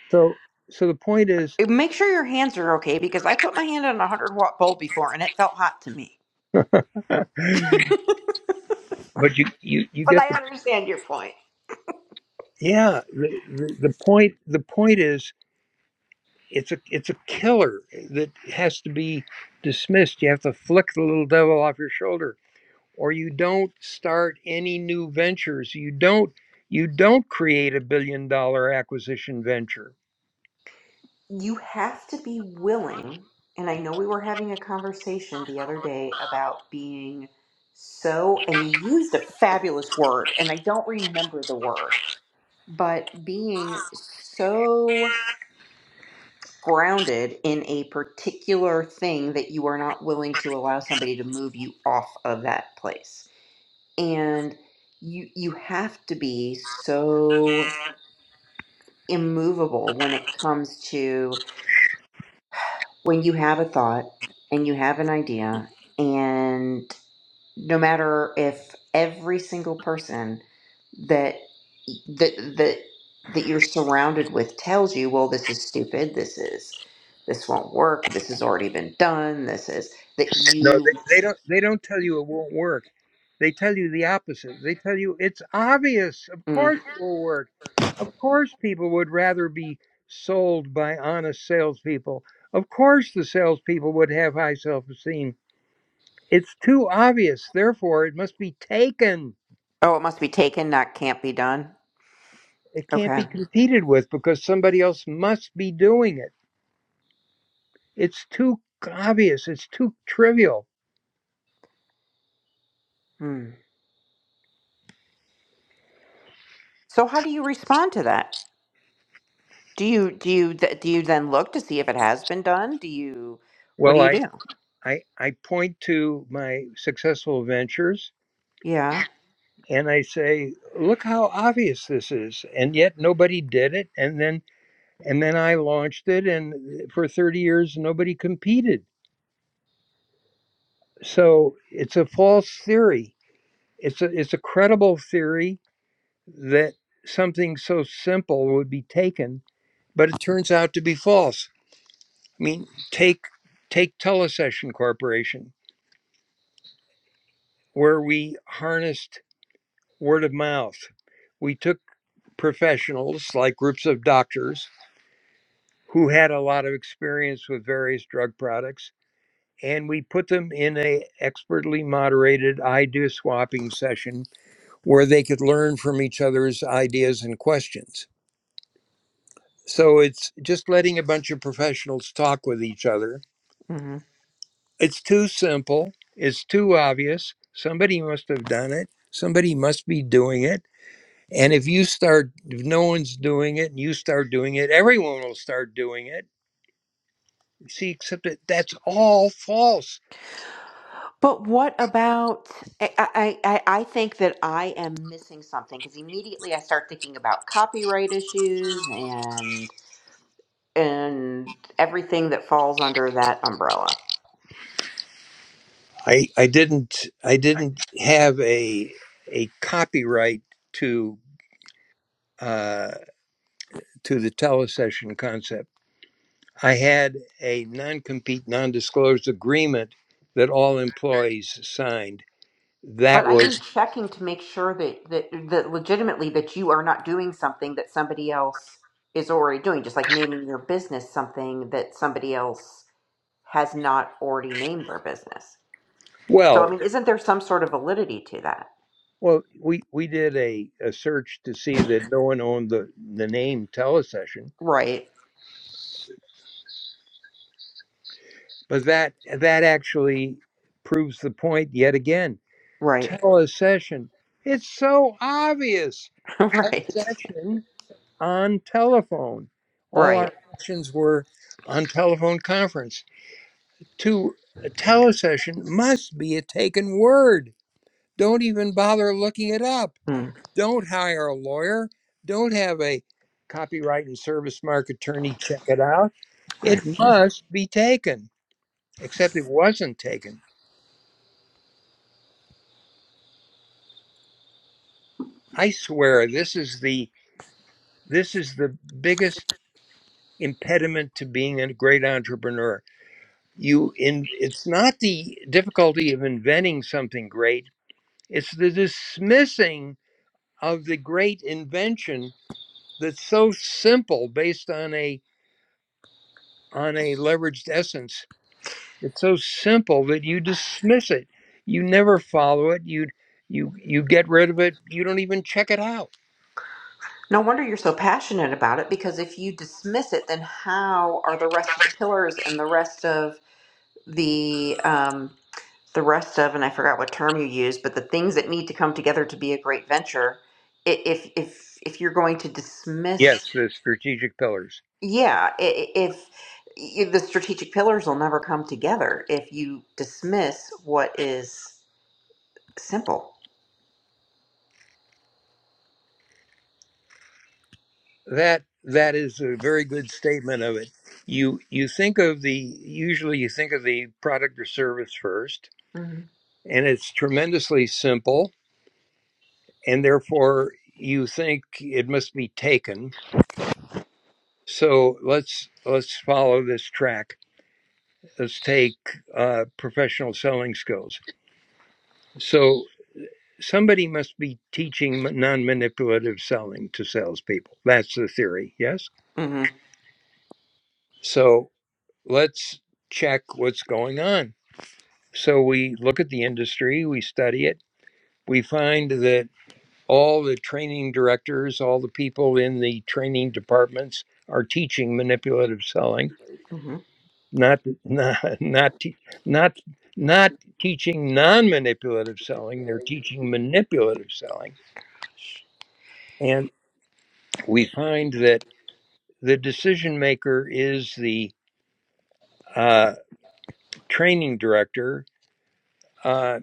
A: So so the point is,
B: Make sure your hands are okay because I put my hand on a 100 watt bulb before and it felt hot to me.
A: but you you you
B: But
A: get
B: I
A: the
B: understand your point.
A: yeah the, the, the point the point is it's a it's a killer that has to be dismissed. You have to flick the little devil off your shoulder. or you don't start any new ventures you don't you don't create a billion dollar acquisition venture
B: You have to be willing, and I know we were having a conversation the other day about being so, and you used a fabulous word, and I don't remember the word, but being so grounded in a particular thing that you are not willing to allow somebody to move you off of that place and you you have to be so immovable when it comes to when you have a thought and you have an idea and no matter if every single person that that that that you're surrounded with tells you well this is stupid this is this won't work this has already been done this is that
A: no
B: you
A: they, they don't they don't tell you it won't work they tell you the opposite they tell you it's obvious of
B: mm.
A: course it will work of course people would rather be sold by honest salespeople of course the salespeople would have high self-esteem it's too obvious therefore it must be taken
B: oh it must be taken not can't be done
A: it can't be
B: okay
A: competed with because somebody else must be doing it It's too obvious. It's too trivial.
B: Hmm. So how do you respond to that? Do you do you th- do you then look to see if it has been done? Do you what
A: Well,
B: do you
A: I,
B: do?
A: I, I point to my successful ventures
B: Yeah.
A: and I say, look how obvious this is. And yet nobody did it. And then, and then I launched it and uh, for 30 years, nobody competed. So it's a false theory. It's a, it's a credible theory that something so simple would be taken, but it turns out to be false. I mean, take, take Telesession Corporation where we harnessed word of mouth. We took professionals, like groups of doctors, who had a lot of experience with various drug products, and we put them in a expertly moderated idea swapping session where they could learn from each other's ideas and questions. So it's just letting a bunch of professionals talk with each other.
B: hmm
A: It's too simple. It's too obvious. Somebody must have done it. Somebody must be doing it And if you start, if no one's doing it and you start doing it, everyone will start doing it. See, except that that's all false.
B: But what about I I I I think that I am missing something because immediately I start thinking about copyright issues and and everything that falls under that umbrella.
A: I, I didn't I didn't have a a copyright to uh, to the telesession concept. I had a non-compete, non-disclosed agreement that all employees signed. That
B: But I mean
A: was
B: checking to make sure that, that that legitimately that you are not doing something that somebody else is already doing, just like naming your business something that somebody else has not already named their business. So I
A: well,
B: mean, isn't there some sort of validity to that?
A: well, we, we did a, a search to see that no one owned the, the name telesession
B: Right,
A: But that that actually proves the point yet again.
B: right,
A: Telesession. It's so obvious. A
B: right.
A: session on telephone. All
B: right,
A: our sessions were on telephone conference. To a telesession must be a taken word. Don't even bother looking it up.
B: mm,
A: Don't hire a lawyer. Don't have a copyright and service mark attorney check it out. It
B: right.
A: must be taken, except it wasn't taken. I swear this is the this is the biggest impediment to being a great entrepreneur. You in it's not the difficulty of inventing something great, it's the dismissing of the great invention that's so simple based on a on a leveraged essence. It's so simple that you dismiss it. You never follow it. You you you get rid of it. You don't even check it out.
B: No wonder you're so passionate about it because if you dismiss it, then how are the rest of the pillars and the rest of the um, the rest of, and I forgot what term you used, but the things that need to come together to be a great venture, i- if if if you're going to dismiss,
A: Yes, the strategic pillars.
B: yeah, i- i- if y- the strategic pillars will never come together if you dismiss what is simple.
A: that that is a very good statement of it you you think of the usually you think of the product or service first
B: hmm
A: and it's tremendously simple and therefore you think it must be taken so let's let's follow this track let's take uh, professional selling skills so somebody must be teaching non-manipulative selling to salespeople that's the theory yes
B: hmm
A: so let's check what's going on So we look at the industry, we study it, we find that all the training directors, all the people in the training departments are teaching manipulative selling,
B: hmm
A: not not not te- not not teaching non-manipulative selling, they're teaching manipulative selling. And we find that the decision maker is the uh, training director. Uh,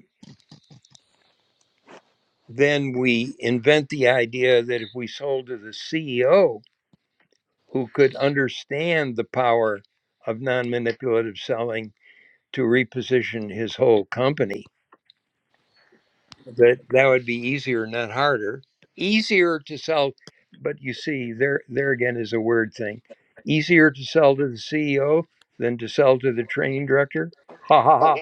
A: then we invent the idea that if we sold to the CEO, who could understand the power of non-manipulative selling to reposition his whole company that that would be easier not harder easier to sell but you see there there again is a word thing easier to sell to the ceo than to sell to the training director ha ha ha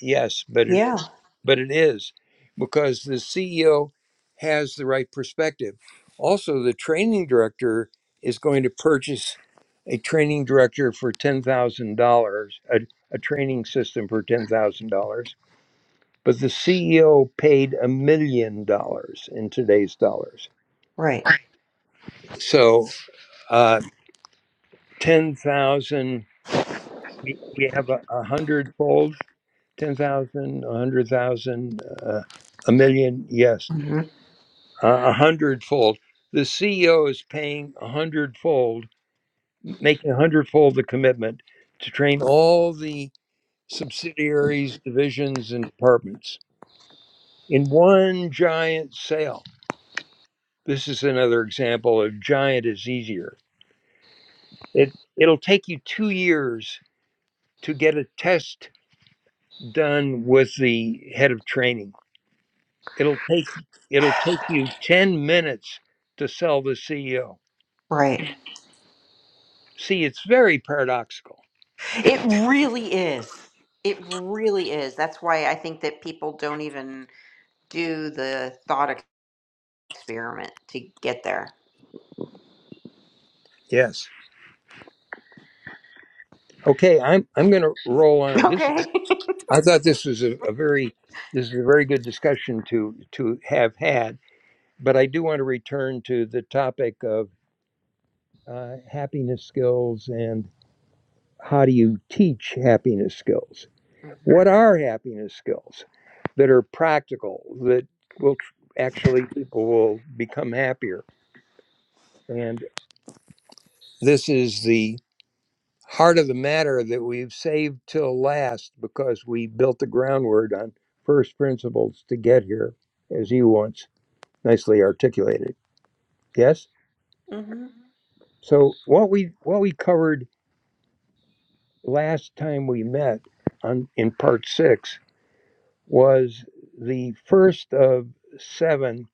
A: yes but it,
B: Yeah.
A: but it is because the CEO has the right perspective. Also, the training director is going to purchase a training director for $10,000, a, a training system for $10,000. But the CEO paid a million dollars in today's dollars.
B: Right.
A: So uh, 10,000, we, we have a, a hundredfold, 10,000, a hundred thousand, uh, a million, yes
B: hmm
A: a hundredfold. The CEO is paying a hundredfold, making a hundredfold the commitment to train all the subsidiaries, divisions, and departments in one giant sale. This is another example of giant is easier. It it'll take you two years to get a test done with the head of training. It'll take it'll take you ten minutes to sell the CEO.
B: Right.
A: See, it's very paradoxical.
B: It really is. It really is. That's why I think that people don't even do the thought experiment to get there.
A: Yes. Okay, I'm I'm going to roll on. This
B: Okay.
A: I thought this was a, a very this is a very good discussion to to have had, but I do want to return to the topic of uh, happiness skills and how do you teach happiness skills?
B: hmm
A: What are happiness skills that are practical that will tr- actually people will become happier? And this is the heart of the matter that we've saved till last because we built the groundwork on first principles to get here, as you once nicely articulated. Yes.
B: hmm
A: So what we what we covered last time we met on in part six was the first of seven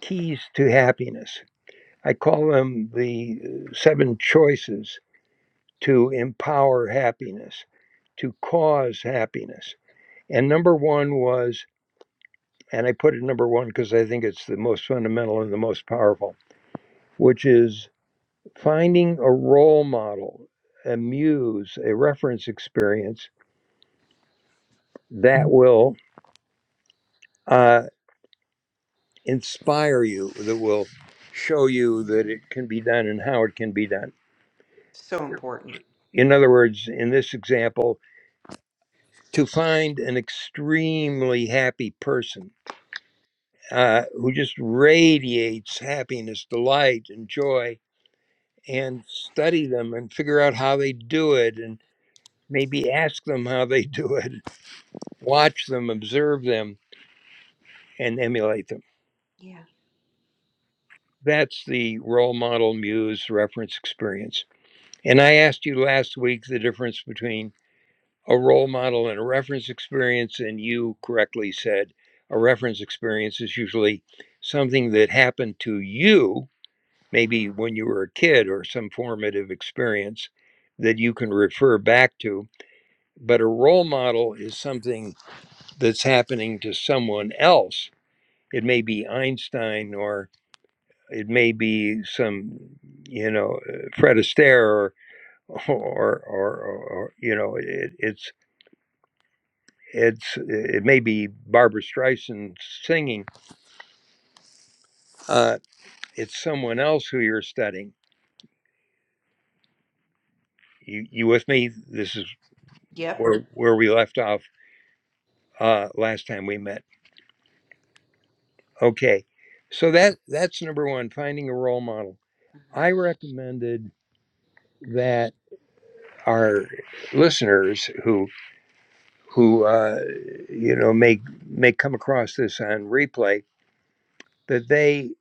A: keys to happiness. I call them the uh, seven choices to empower happiness, to cause happiness. And number one was And I put it number one because I think it's the most fundamental and the most powerful, which is finding a role model, a muse, a reference experience that will uh, inspire you, that will show you that it can be done and how it can be done.
B: So important.
A: In other words, in this example, to find an extremely happy person uh, who just radiates happiness, delight, and joy and study them and figure out how they do it and maybe ask them how they do it, watch them, observe them, and emulate them.
B: Yeah.
A: That's the role model muse reference experience. And I asked you last week the difference between a role model and a reference experience, and you correctly said a reference experience is usually something that happened to you, maybe when you were a kid or some formative experience that you can refer back to but a role model is something that's happening to someone else. It may be Einstein or it may be some, you know, uh, Fred Astaire or, or, or, or you know, it, it's, it's, it may be Barbara Streisand singing. Uh, it's someone else who you're studying. You, you with me? This is
B: Yep.
A: where, where we left off uh, last time we met. Okay. So that that's number one, finding a role model. I recommended that our listeners who who uh, you know may may come across this on replay that they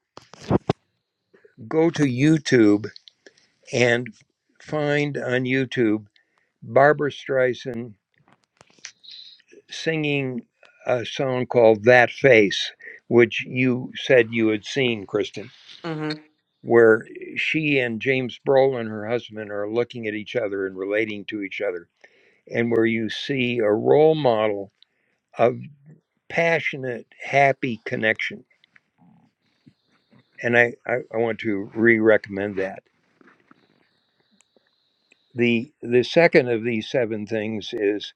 A: go to YouTube and find on YouTube Barbara Streisand singing a song called "That Face," which you said you had seen, Kristen,
B: hmm
A: where she and James Brolin, her husband, are looking at each other and relating to each other, and where you see a role model of. passionate, happy connection. And I, I, I want to re recommend that. The, the second of these seven things is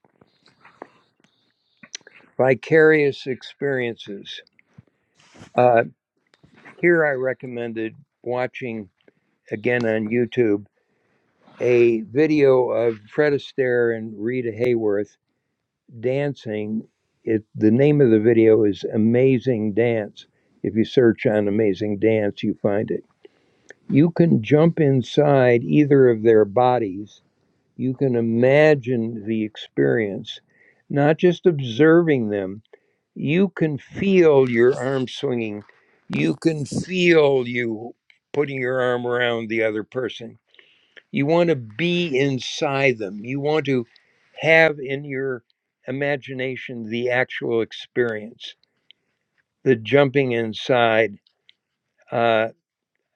A: vicarious experiences. Uh, here I recommended watching again on YouTube a video of Fred Astaire and Rita Hayworth dancing. It, the name of the video is Amazing Dance. If you search on Amazing Dance, you find it. You can jump inside either of their bodies You can imagine the experience, not just observing them. You can feel your arm swinging. You can feel you putting your arm around the other person. You want to be inside them. You want to have in your imagination the actual experience, the jumping inside uh,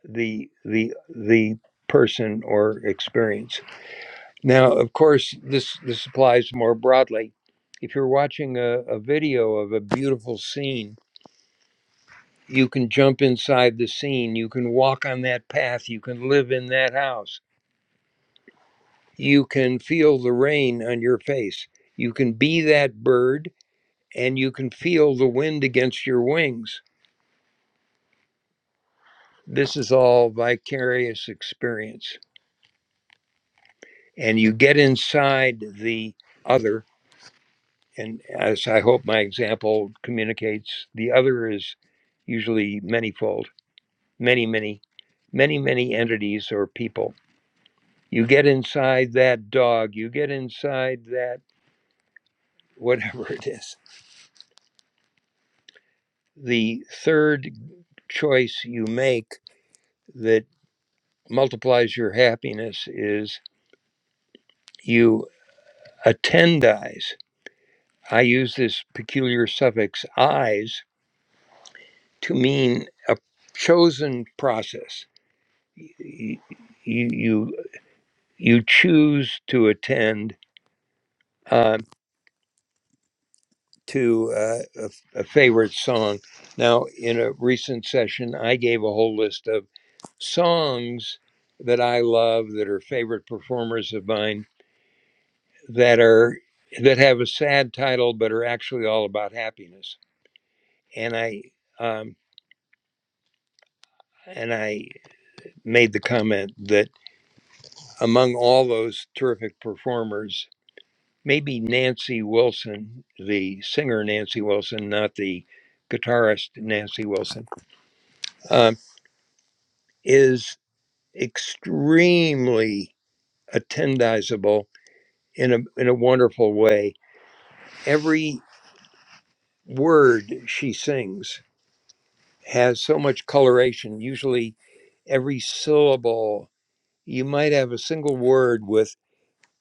A: the the the person or experience. Now, of course, this this applies more broadly. If you're watching a, a video of a beautiful scene, you can jump inside the scene, you can walk on that path, you can live in that house, you can feel the rain on your face, you can be that bird, and you can feel the wind against your wings. This is all vicarious experience. And you get inside the other and as I hope my example communicates, the other is usually manifold, many, many, many, many entities or people. You get inside that dog, you get inside that whatever it is. The third choice you make that multiplies your happiness is you attendize. I use this peculiar suffix eyes to mean a chosen process. You, you you choose to attend uh, to uh, a, f- a favorite song. Now, in a recent session, I gave a whole list of songs that I love that are favorite performers of mine that are that have a sad title but are actually all about happiness. And I um, and I made the comment that among all those terrific performers maybe Nancy Wilson, the singer Nancy Wilson, not the guitarist Nancy Wilson, um, is extremely attendizable in a in a wonderful way. Every word she sings has so much coloration. Usually, every syllable you might have a single word with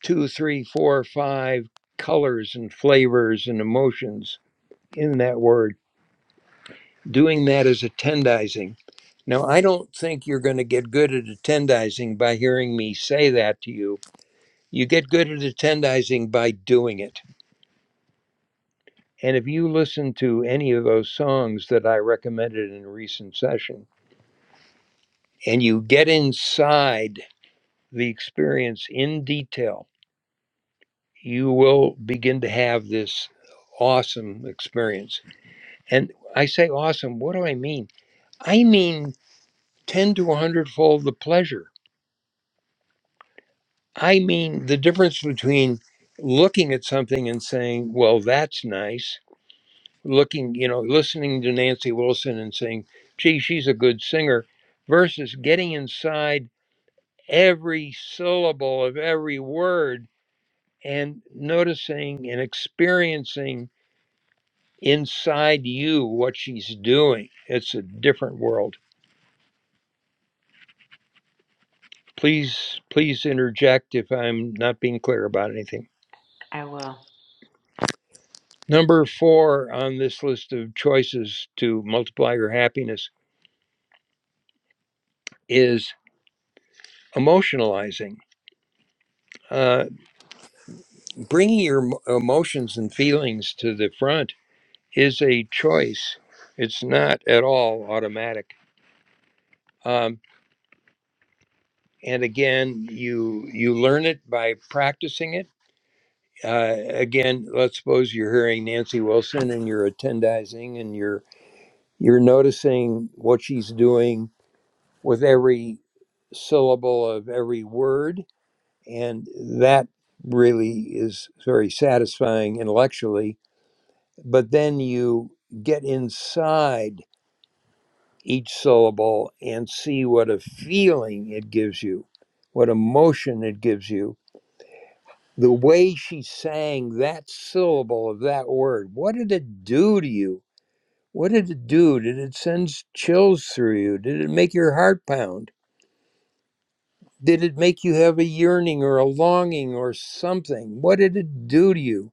A: two, three, four, five colors and flavors and emotions in that word doing that as attendizing. Now, I don't think you're going to get good at attendizing by hearing me say that to you. You get good at attendizing by doing it. And if you listen to any of those songs that I recommended in a recent session and you get inside the experience in detail, you will begin to have this awesome experience. And I say awesome, what do I mean? I mean 10 to a hundredfold the pleasure I mean the difference between looking at something and saying, well, that's nice, looking, you know, listening to Nancy Wilson and saying, gee, she's a good singer, versus getting inside every syllable of every word and noticing and experiencing inside you what she's doing. It's a different world. Please, please interject if I'm not being clear about anything.
B: I will.
A: Number four on this list of choices to multiply your happiness is emotionalizing. Uh, bringing your emotions and feelings to the front is a choice. It's not at all automatic. Um, and again, you you learn it by practicing it. Uh, again, let's suppose you're hearing Nancy Wilson and you're attendizing and you're you're noticing what she's doing with every syllable of every word And that really is very satisfying intellectually. But then you get inside each syllable and see what a feeling it gives you, what emotion it gives you. The way she sang that syllable of that word, what did it do to you? What did it do? Did it send chills through you? Did it make your heart pound? Did it make you have a yearning or a longing or something? What did it do to you?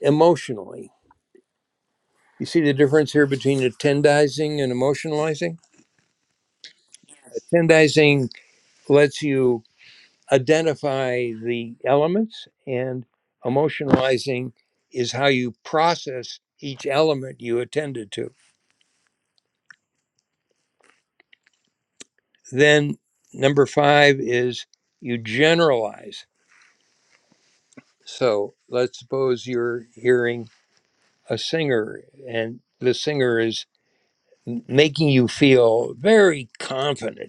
A: emotionally. You see the difference here between attendizing and emotionalizing? Attendizing lets you identify the elements, and emotionalizing is how you process each element you attended to. Then, number five is you generalize. So, let's suppose you're hearing a singer, and the singer is making you feel very confident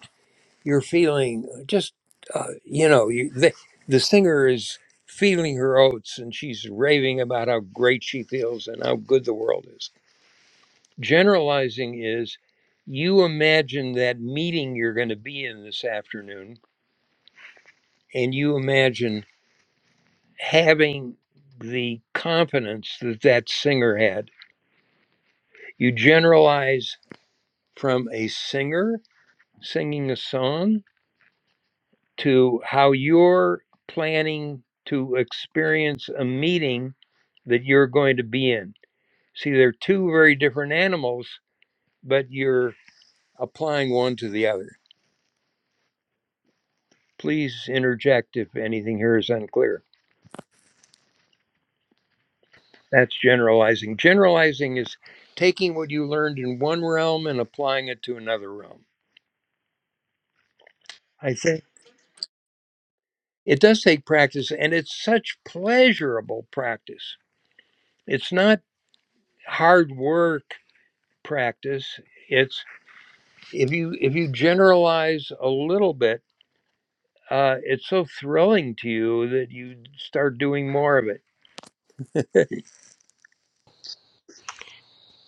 A: you're feeling just uh, you know you, the, the singer is feeling her oats and she's raving about how great she feels and how good the world is generalizing is you imagine that meeting you're going to be in this afternoon and you imagine having the confidence that that singer had you generalize from a singer singing a song to how you're planning to experience a meeting that you're going to be in. See, they're two very different animals, but you're applying one to the other. Please interject if anything here is unclear. That's generalizing. Generalizing is taking what you learned in one realm and applying it to another realm. I think it does take practice, and it's such pleasurable practice. It's not hard work practice, It's if you if you generalize a little bit uh, it's so thrilling to you that you start doing more of it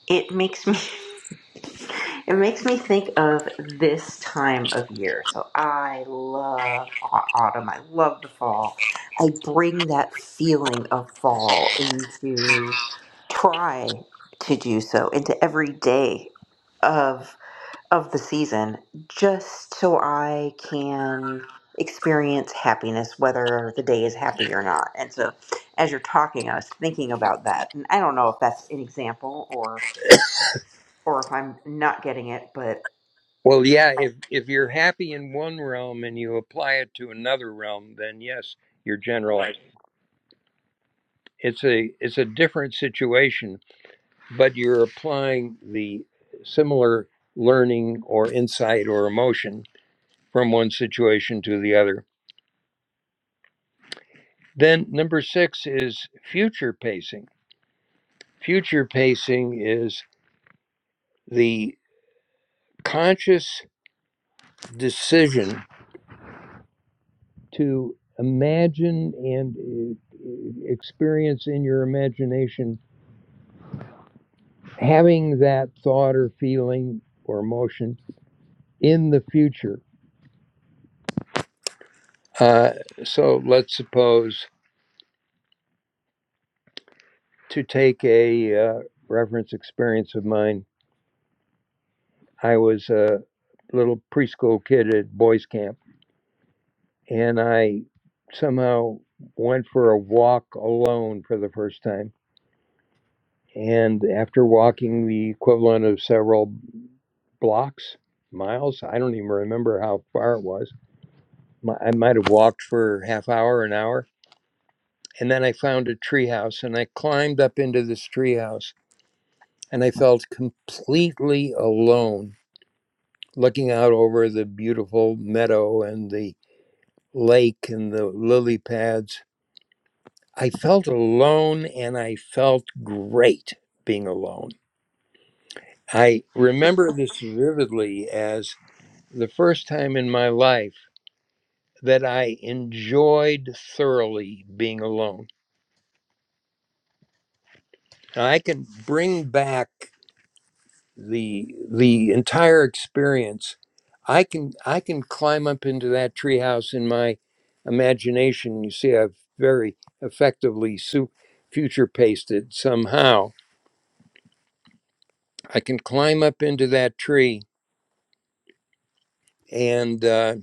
B: It makes me. it makes me think of this time of year. So I love au- autumn. I love the fall. I bring that feeling of fall into try to do so into every day of of the season just so I can experience happiness, whether the day is happy or not. And so, as you're talking, I was thinking about that, and I don't know if that's an example or or if I'm not getting it, but
A: well yeah
B: I
A: if if you're happy in one realm and you apply it to another realm then yes you're generalizing it's a it's a different situation but you're applying the similar learning or insight or emotion from one situation to the other then number six is future pacing future pacing is the conscious decision to imagine and uh, uh, experience in your imagination having that thought or feeling or emotion in the future. Uh, so let's suppose to take a uh, reference experience of mine, I was a little preschool kid at boys' camp, and I somehow went for a walk alone for the first time And after walking the equivalent of several blocks, miles, I don't even remember how far it was. I might have walked for half hour, an hour. And then I found a treehouse and I climbed up into this treehouse and I felt completely alone looking out over the beautiful meadow and the lake and the lily pads. I felt alone and I felt great being alone. I remember this vividly as. the first time in my life that I enjoyed thoroughly being alone. Now, I can bring back the the entire experience. I can I can climb up into that treehouse in my imagination. You see, I've very effectively su- future pasted somehow. I can climb up into that tree and uh,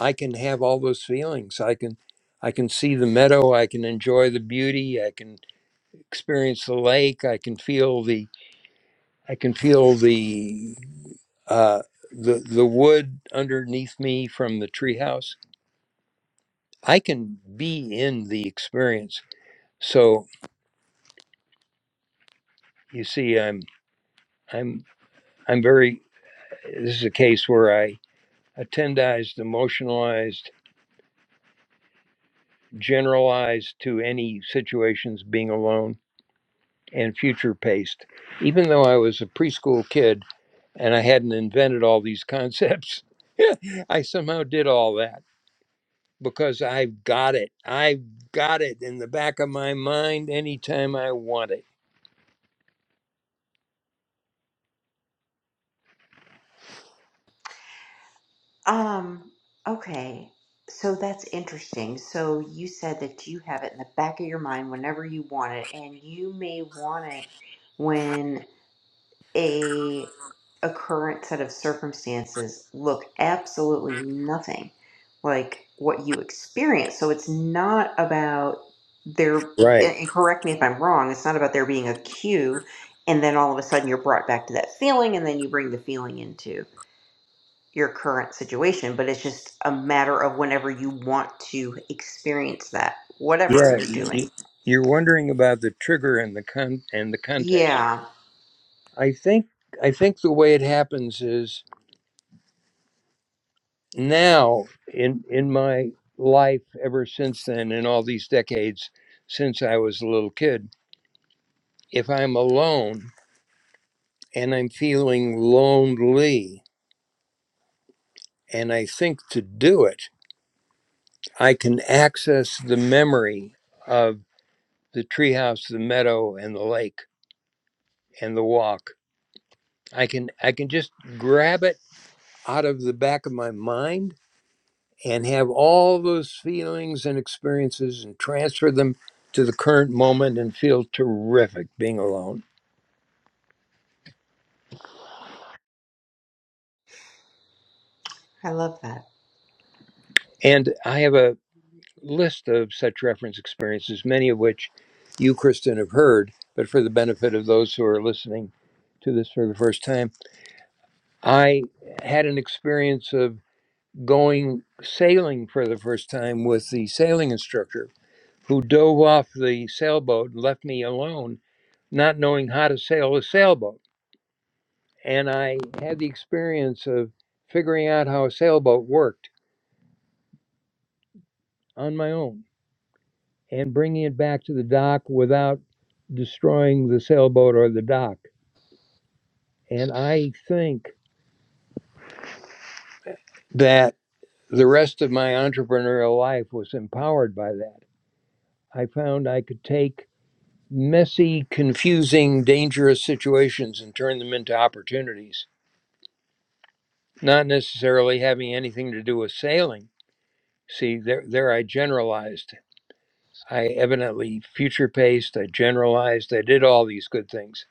A: I can have all those feelings. I can I can see the meadow. I can enjoy the beauty. I can experience the lake. I can feel the I can feel the uh, the the wood underneath me from the treehouse. I can be in the experience. So you see, I'm I'm I'm very. This is a case where I attendized, emotionalized, generalized to any situations being alone and future paced. Even though I was a preschool kid and I hadn't invented all these concepts, I somehow did all that because I've got it. I've got it in the back of my mind anytime I want it.
B: um okay. So that's interesting. So you said that you have it in the back of your mind whenever you want it, and you may want it when a a current set of circumstances look absolutely nothing like what you experience so it's not about there
A: Right.
B: and correct me if i'm wrong it's not about there being a cue and then all of a sudden you're brought back to that feeling and then you bring the feeling into your current situation but it's just a matter of whenever you want to experience that whatever
A: Yeah.
B: you're doing
A: You, you're wondering about the trigger and the con- and the context.
B: yeah
A: I think I think the way it happens is now in in my life ever since then in all these decades since I was a little kid, if I'm alone and I'm feeling lonely and I think to do it, I can access the memory the treehouse, the meadow, and the lake and the walk. I can I can just grab it out of the back of my mind and have all those feelings and experiences and transfer them to the current moment and feel terrific being alone.
B: i love that
A: And I have a list of such reference experiences, many of which you, Kristen, have heard, but for the benefit of those who are listening to this for the first time, I had an experience of. going sailing for the first time with the sailing instructor who dove off the sailboat and left me alone, not knowing how to sail a sailboat. And I had the experience of figuring out how a sailboat worked on my own and bringing it back to the dock without destroying the sailboat or the dock. And I think that the rest of my entrepreneurial life was empowered by that. I found I could take messy, confusing, dangerous situations and turn them into opportunities, not necessarily having anything to do with sailing. See, there, there I generalized. I evidently future paced, I generalized, I did all these good things.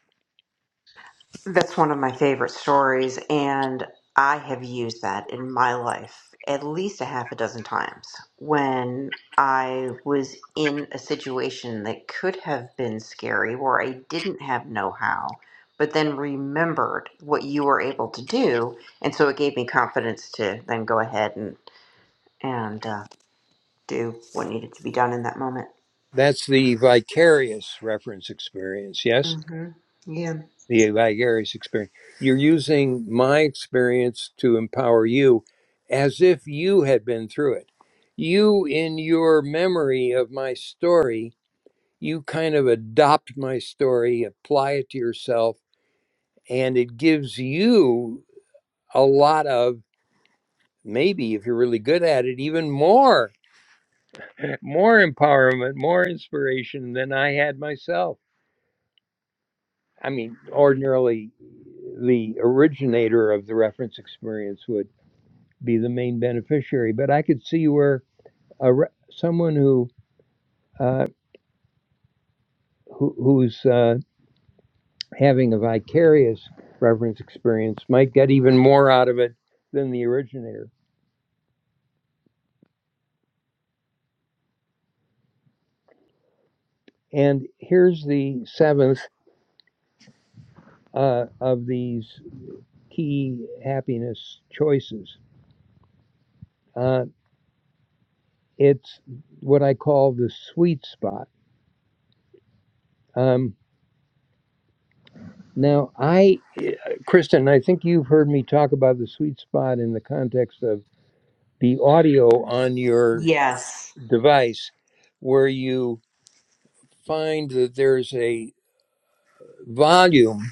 B: That's one of my favorite stories, and I have used that in my life at least a half a dozen times when I was in a situation that could have been scary where I didn't have know how, but then remembered what you were able to do, and so it gave me confidence to then go ahead and and uh, do what needed to be done in that moment.
A: That's the vicarious reference experience, yes?
B: hmm Yeah.
A: The vicarious experience. You're using my experience to empower you as if you had been through it. You, in your memory of my story, you kind of adopt my story, apply it to yourself, and it gives you a lot of maybe if you're really good at it, even more, more empowerment, more inspiration than I had myself. I mean, ordinarily, the originator of the reference experience would be the main beneficiary, but I could see where a re- someone who uh, who, who's uh, having a vicarious reverence experience might get even more out of it than the originator. And here's the seventh uh, of these key happiness choices uh, it's what I call the sweet spot. Um, now, I, Kristen, I think you've heard me talk about the sweet spot in the context of the audio on your
B: Yes.
A: device, where you find that there's a volume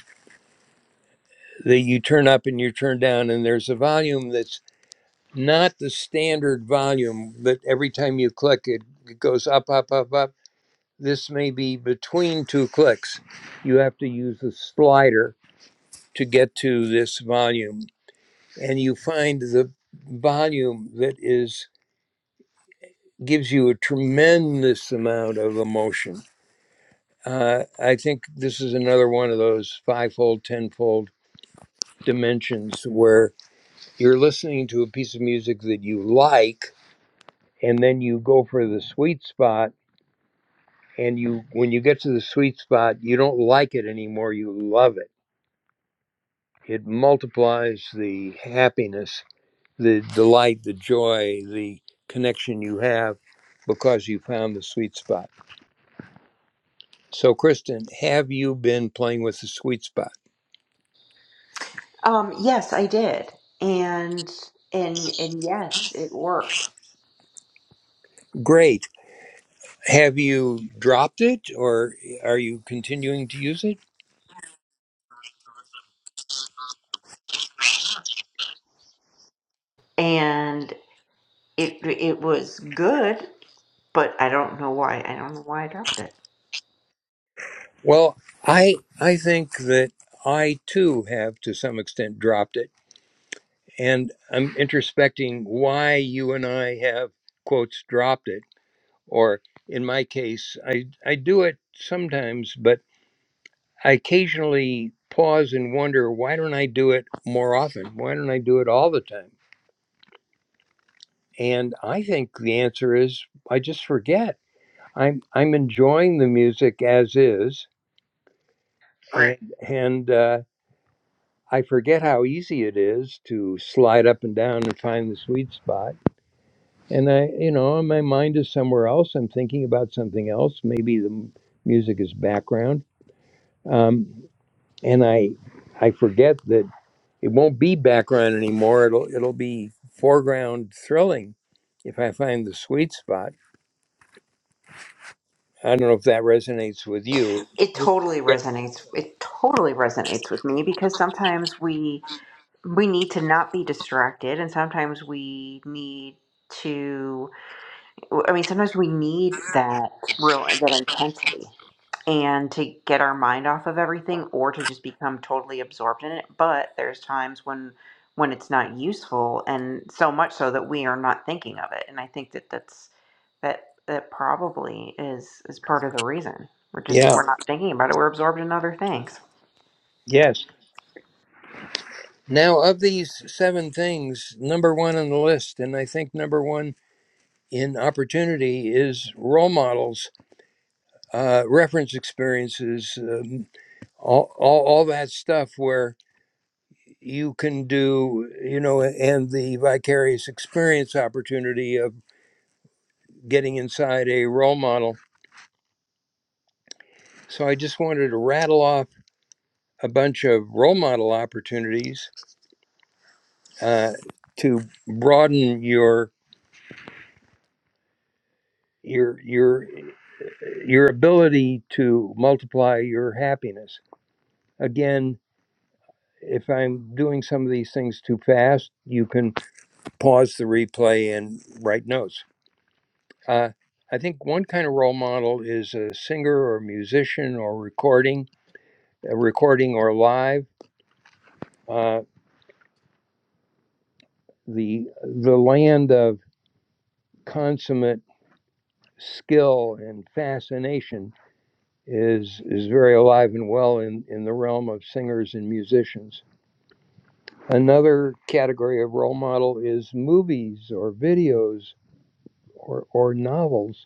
A: that you turn up and you turn down and there's a volume that's not the standard volume but every time you click it, it goes up up up up this may be between two clicks you have to use the slider to get to this volume and you find the volume that is gives you a tremendous amount of emotion uh, i think this is another one of those fivefold tenfold dimensions where. You're listening to a piece of music that you like, and then you go for the sweet spot. And you, when you get to the sweet spot, you don't like it anymore. You love it. It multiplies the happiness, the delight, the joy, the connection you have because you found the sweet spot. So, Kristen, have you been playing with the sweet spot?
B: Um, yes, I did. And and and yes, it worked.
A: Great. Have you dropped it or are you continuing to use it?
B: And it it was good, but I don't know why. I don't know why I dropped it.
A: Well, I I think that I too have to some extent dropped it, and I'm introspecting why you and I have quotes dropped it, or in my case, I I do it sometimes, but I occasionally pause and wonder why don't I do it more often? Why don't I do it all the time? And I think the answer is I just forget. I'm I'm enjoying the music as is, Right. and, and uh, I forget how easy it is to slide up and down and find the sweet spot. And I, you know, my mind is somewhere else. I'm thinking about something else. Maybe the m- music is background. Um, and I, I forget that it won't be background anymore. It'll, it'll be foreground thrilling if I find the sweet spot. I don't know if that resonates with you.
B: It
A: Just-
B: totally resonates. It totally resonates with me because sometimes we we need to not be distracted and sometimes we need to I mean sometimes we need that real that intensity and to get our mind off of everything or to just become totally absorbed in it but there's times when when it's not useful and so much so that we are not thinking of it and i think that that's that that probably is is part of the reason we're just
A: Yeah.
B: we're not thinking about it we're absorbed in other things
A: Yes. Now, of these seven things, number one on the list, and I think number one in opportunity is role models, uh, reference experiences, um, all, all, all that stuff where you can do, you know, and the vicarious experience opportunity of getting inside a role model. So I just wanted to rattle off a bunch of role model opportunities uh, to broaden your your your your ability to multiply your happiness again if I'm doing some of these things too fast, you can pause the replay and write notes. Uh, I think one kind of role model is a singer or musician or recording, uh, recording or live. Uh, the the land of consummate skill and fascination is is very alive and well in, in the realm of singers and musicians. Another category of role model is movies or videos or, or novels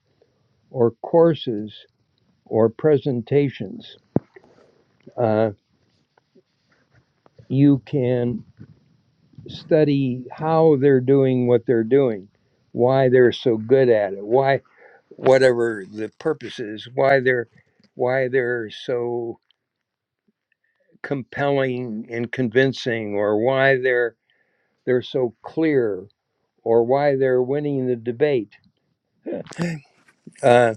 A: or courses or presentations. Uh, you can study how they're doing what they're doing, why they're so good at it, why whatever the purpose is, why they're why they're so compelling and convincing, or why they're they're so clear, or why they're winning the debate. Uh,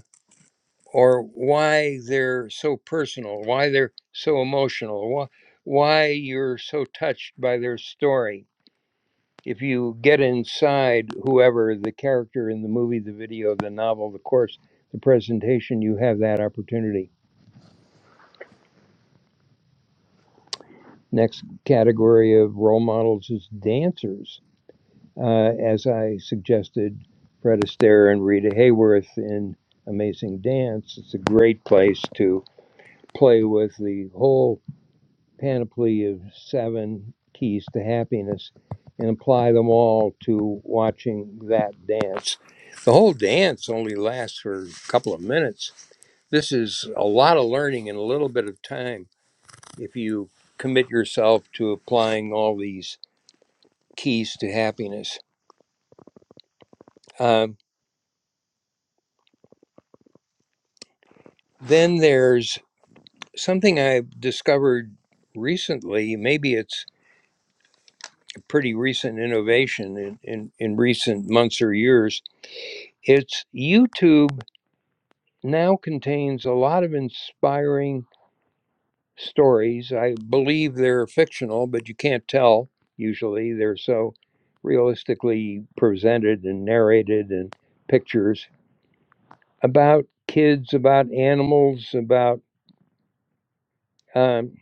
A: or why they're so personal, why they're so emotional, why, why you're so touched by their story. If you get inside whoever the character in the movie, the video, the novel, the course, the presentation, you have that opportunity. Next category of role models is dancers. Uh, as I suggested, Fred Astaire and Rita Hayworth in Amazing Dance. It's a great place to play with the whole panoply of seven keys to happiness and apply them all to watching that dance. The whole dance only lasts for a couple of minutes. This is a lot of learning in a little bit of time if you commit yourself to applying all these keys to happiness. Um, then there's something I've discovered recently. Maybe it's a pretty recent innovation in, in, in recent months or years. It's YouTube now contains a lot of inspiring stories. I believe they're fictional, but you can't tell usually. They're so realistically presented and narrated and pictures about kids, about animals, about um,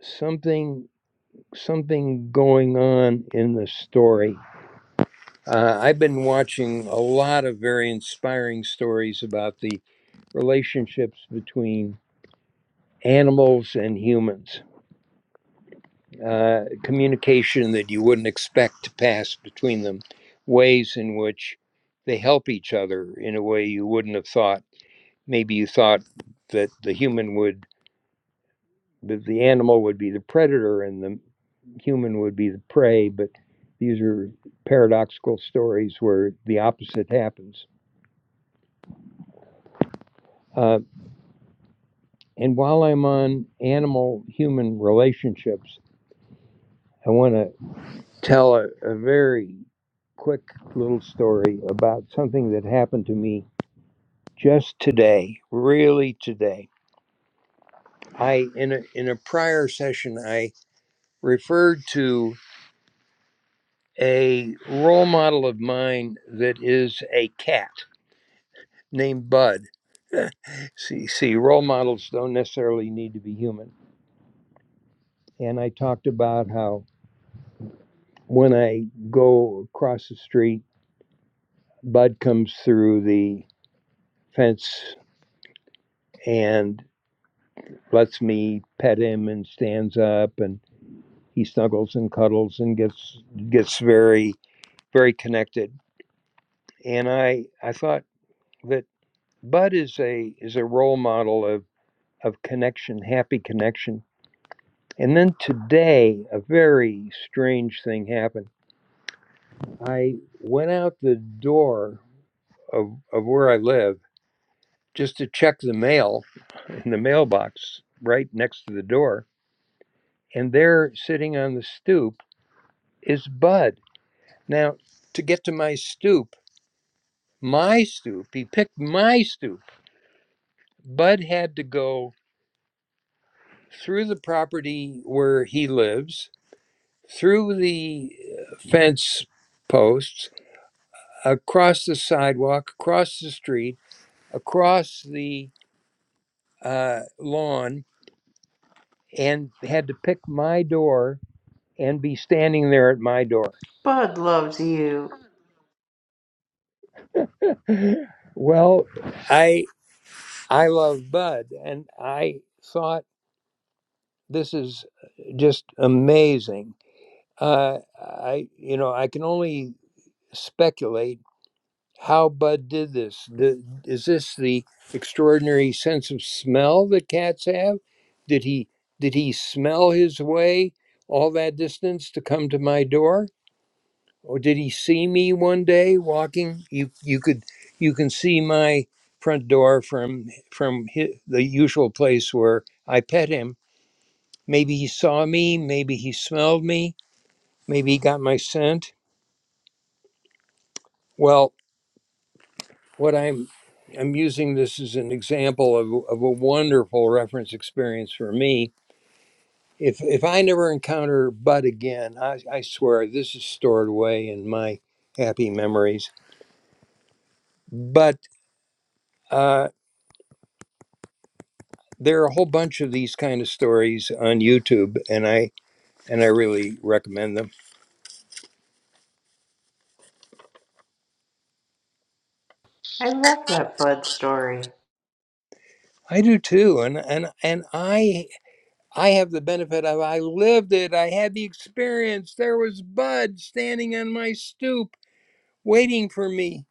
A: something something going on in the story. Uh, I've been watching a lot of very inspiring stories about the relationships between animals and humans uh, communication that you wouldn't expect to pass between them, ways in which they help each other in a way you wouldn't have thought. Maybe you thought that the human would, that the animal would be the predator and the human would be the prey, but these are paradoxical stories where the opposite happens. Uh, and while I'm on animal human relationships, I want to. tell a, a very quick little story about something that happened to me just today, really today. I in a in a prior session I referred to a role model of mine that is a cat named Bud. See, see role models don't necessarily need to be human. And I talked about how when I go across the street, Bud comes through the fence and. lets me pet him and stands up and he snuggles and cuddles and gets gets very very connected and i i thought that bud is a is a role model of of connection happy connection and then today a very strange thing happened i went out the door of of where i live just to check the mail in the mailbox right next to the door and there sitting on the stoop is bud Now, to get to my stoop, my stoop, he picked my stoop. Bud had to go through the property where he lives, through the uh, fence posts, across the sidewalk, across the street, across the uh, lawn, and had to pick my door and be standing there at my door.
B: bud loves you
A: well, I I love Bud, and I thought. This is uh, just amazing. Uh, I, you know, I can only speculate how Bud did this. The, is this the extraordinary sense of smell that cats have? Did he did he smell his way all that distance to come to my door, or did he see me one day walking? You you could you can see my front door from from hi the usual place where I pet him Maybe he saw me, maybe he smelled me, maybe he got my scent. Well, what I'm I'm using this as an example of, of a wonderful reference experience for me. If if I never encounter Bud again, I, I swear this is stored away in my happy memories. But uh, there are a whole bunch of these kind of stories on YouTube, and I and I really recommend them.
B: i love that bud story
A: I do too, and and and I I have the benefit of I lived it. I had the experience. There was Bud standing on my stoop waiting for me.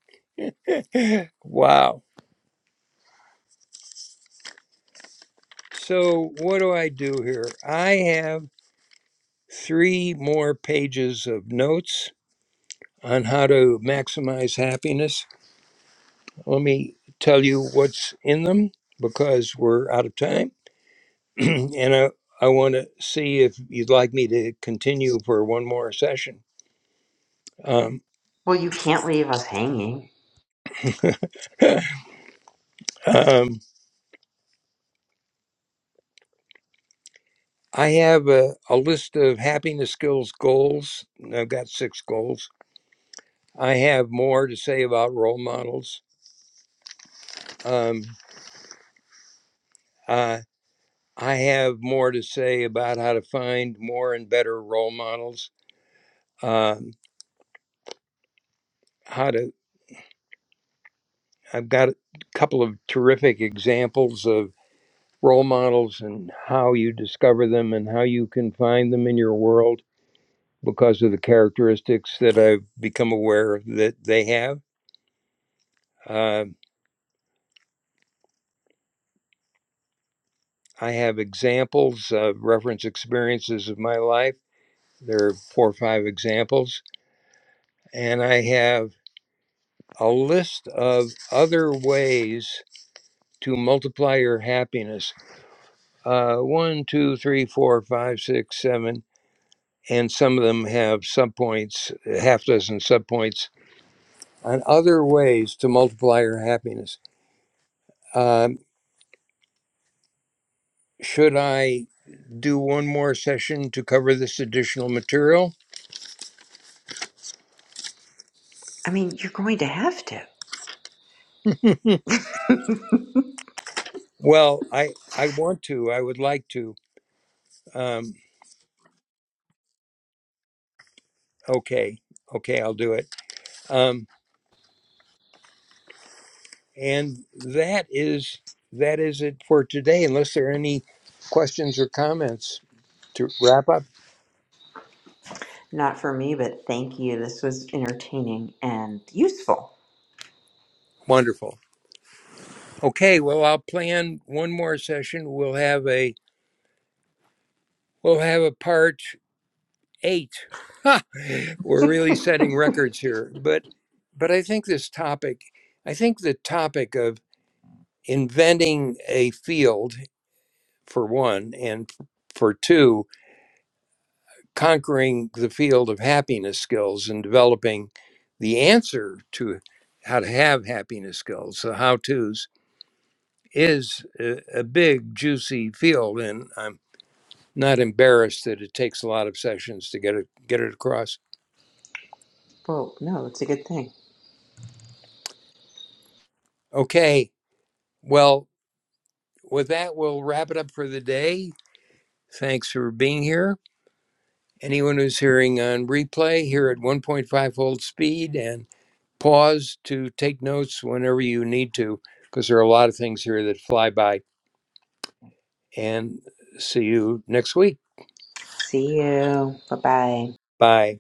A: Wow. So, what do I do here? I have three more pages of notes on how to maximize happiness. Let me tell you what's in them because we're out of time. and I, I want to see if you'd like me to continue for one more session. Um,
B: well you can't leave us hanging
A: um, I have a, a list of happiness skills goals. I've got six goals. I have more to say about role models. Um, uh, I have more to say about how to find more and better role models. Um, how to I've got a couple of terrific examples of role models and how you discover them and how you can find them in your world because of the characteristics that I've become aware that they have. Uh, I have examples of reference experiences of my life. There are four or five examples. And I have a list of other ways to multiply your happiness. Uh, one, two, three, four, five, six, seven. And some of them have subpoints, a half dozen subpoints on other ways to multiply your happiness. Um, should I do one more session to cover this additional material?
B: i mean you're going to have to
A: Well, I, I want to, I would like to. Um, okay, okay, I'll do it. Um, and that is that is it for today. Unless there are any questions or comments to wrap up.
B: not for me but thank you this was entertaining and useful
A: Wonderful. Okay, well, I'll plan one more session. We'll have a we'll have a part eight. Ha! We're really setting records here, but but I think this topic, I think the topic of inventing a field for one, and for two conquering the field of happiness skills and developing the answer to how to have happiness skills, the how to's, is a, a big, juicy field. And I'm not embarrassed that it takes a lot of sessions to get it, get it across.
B: Well, no, it's a good thing.
A: Okay. Well, with that, we'll wrap it up for the day. Thanks for being here. Anyone who's hearing on replay, here at 1.5 fold speed. and. pause to take notes whenever you need to, because there are a lot of things here that fly by. And see you next week.
B: See you. Bye bye.
A: Bye.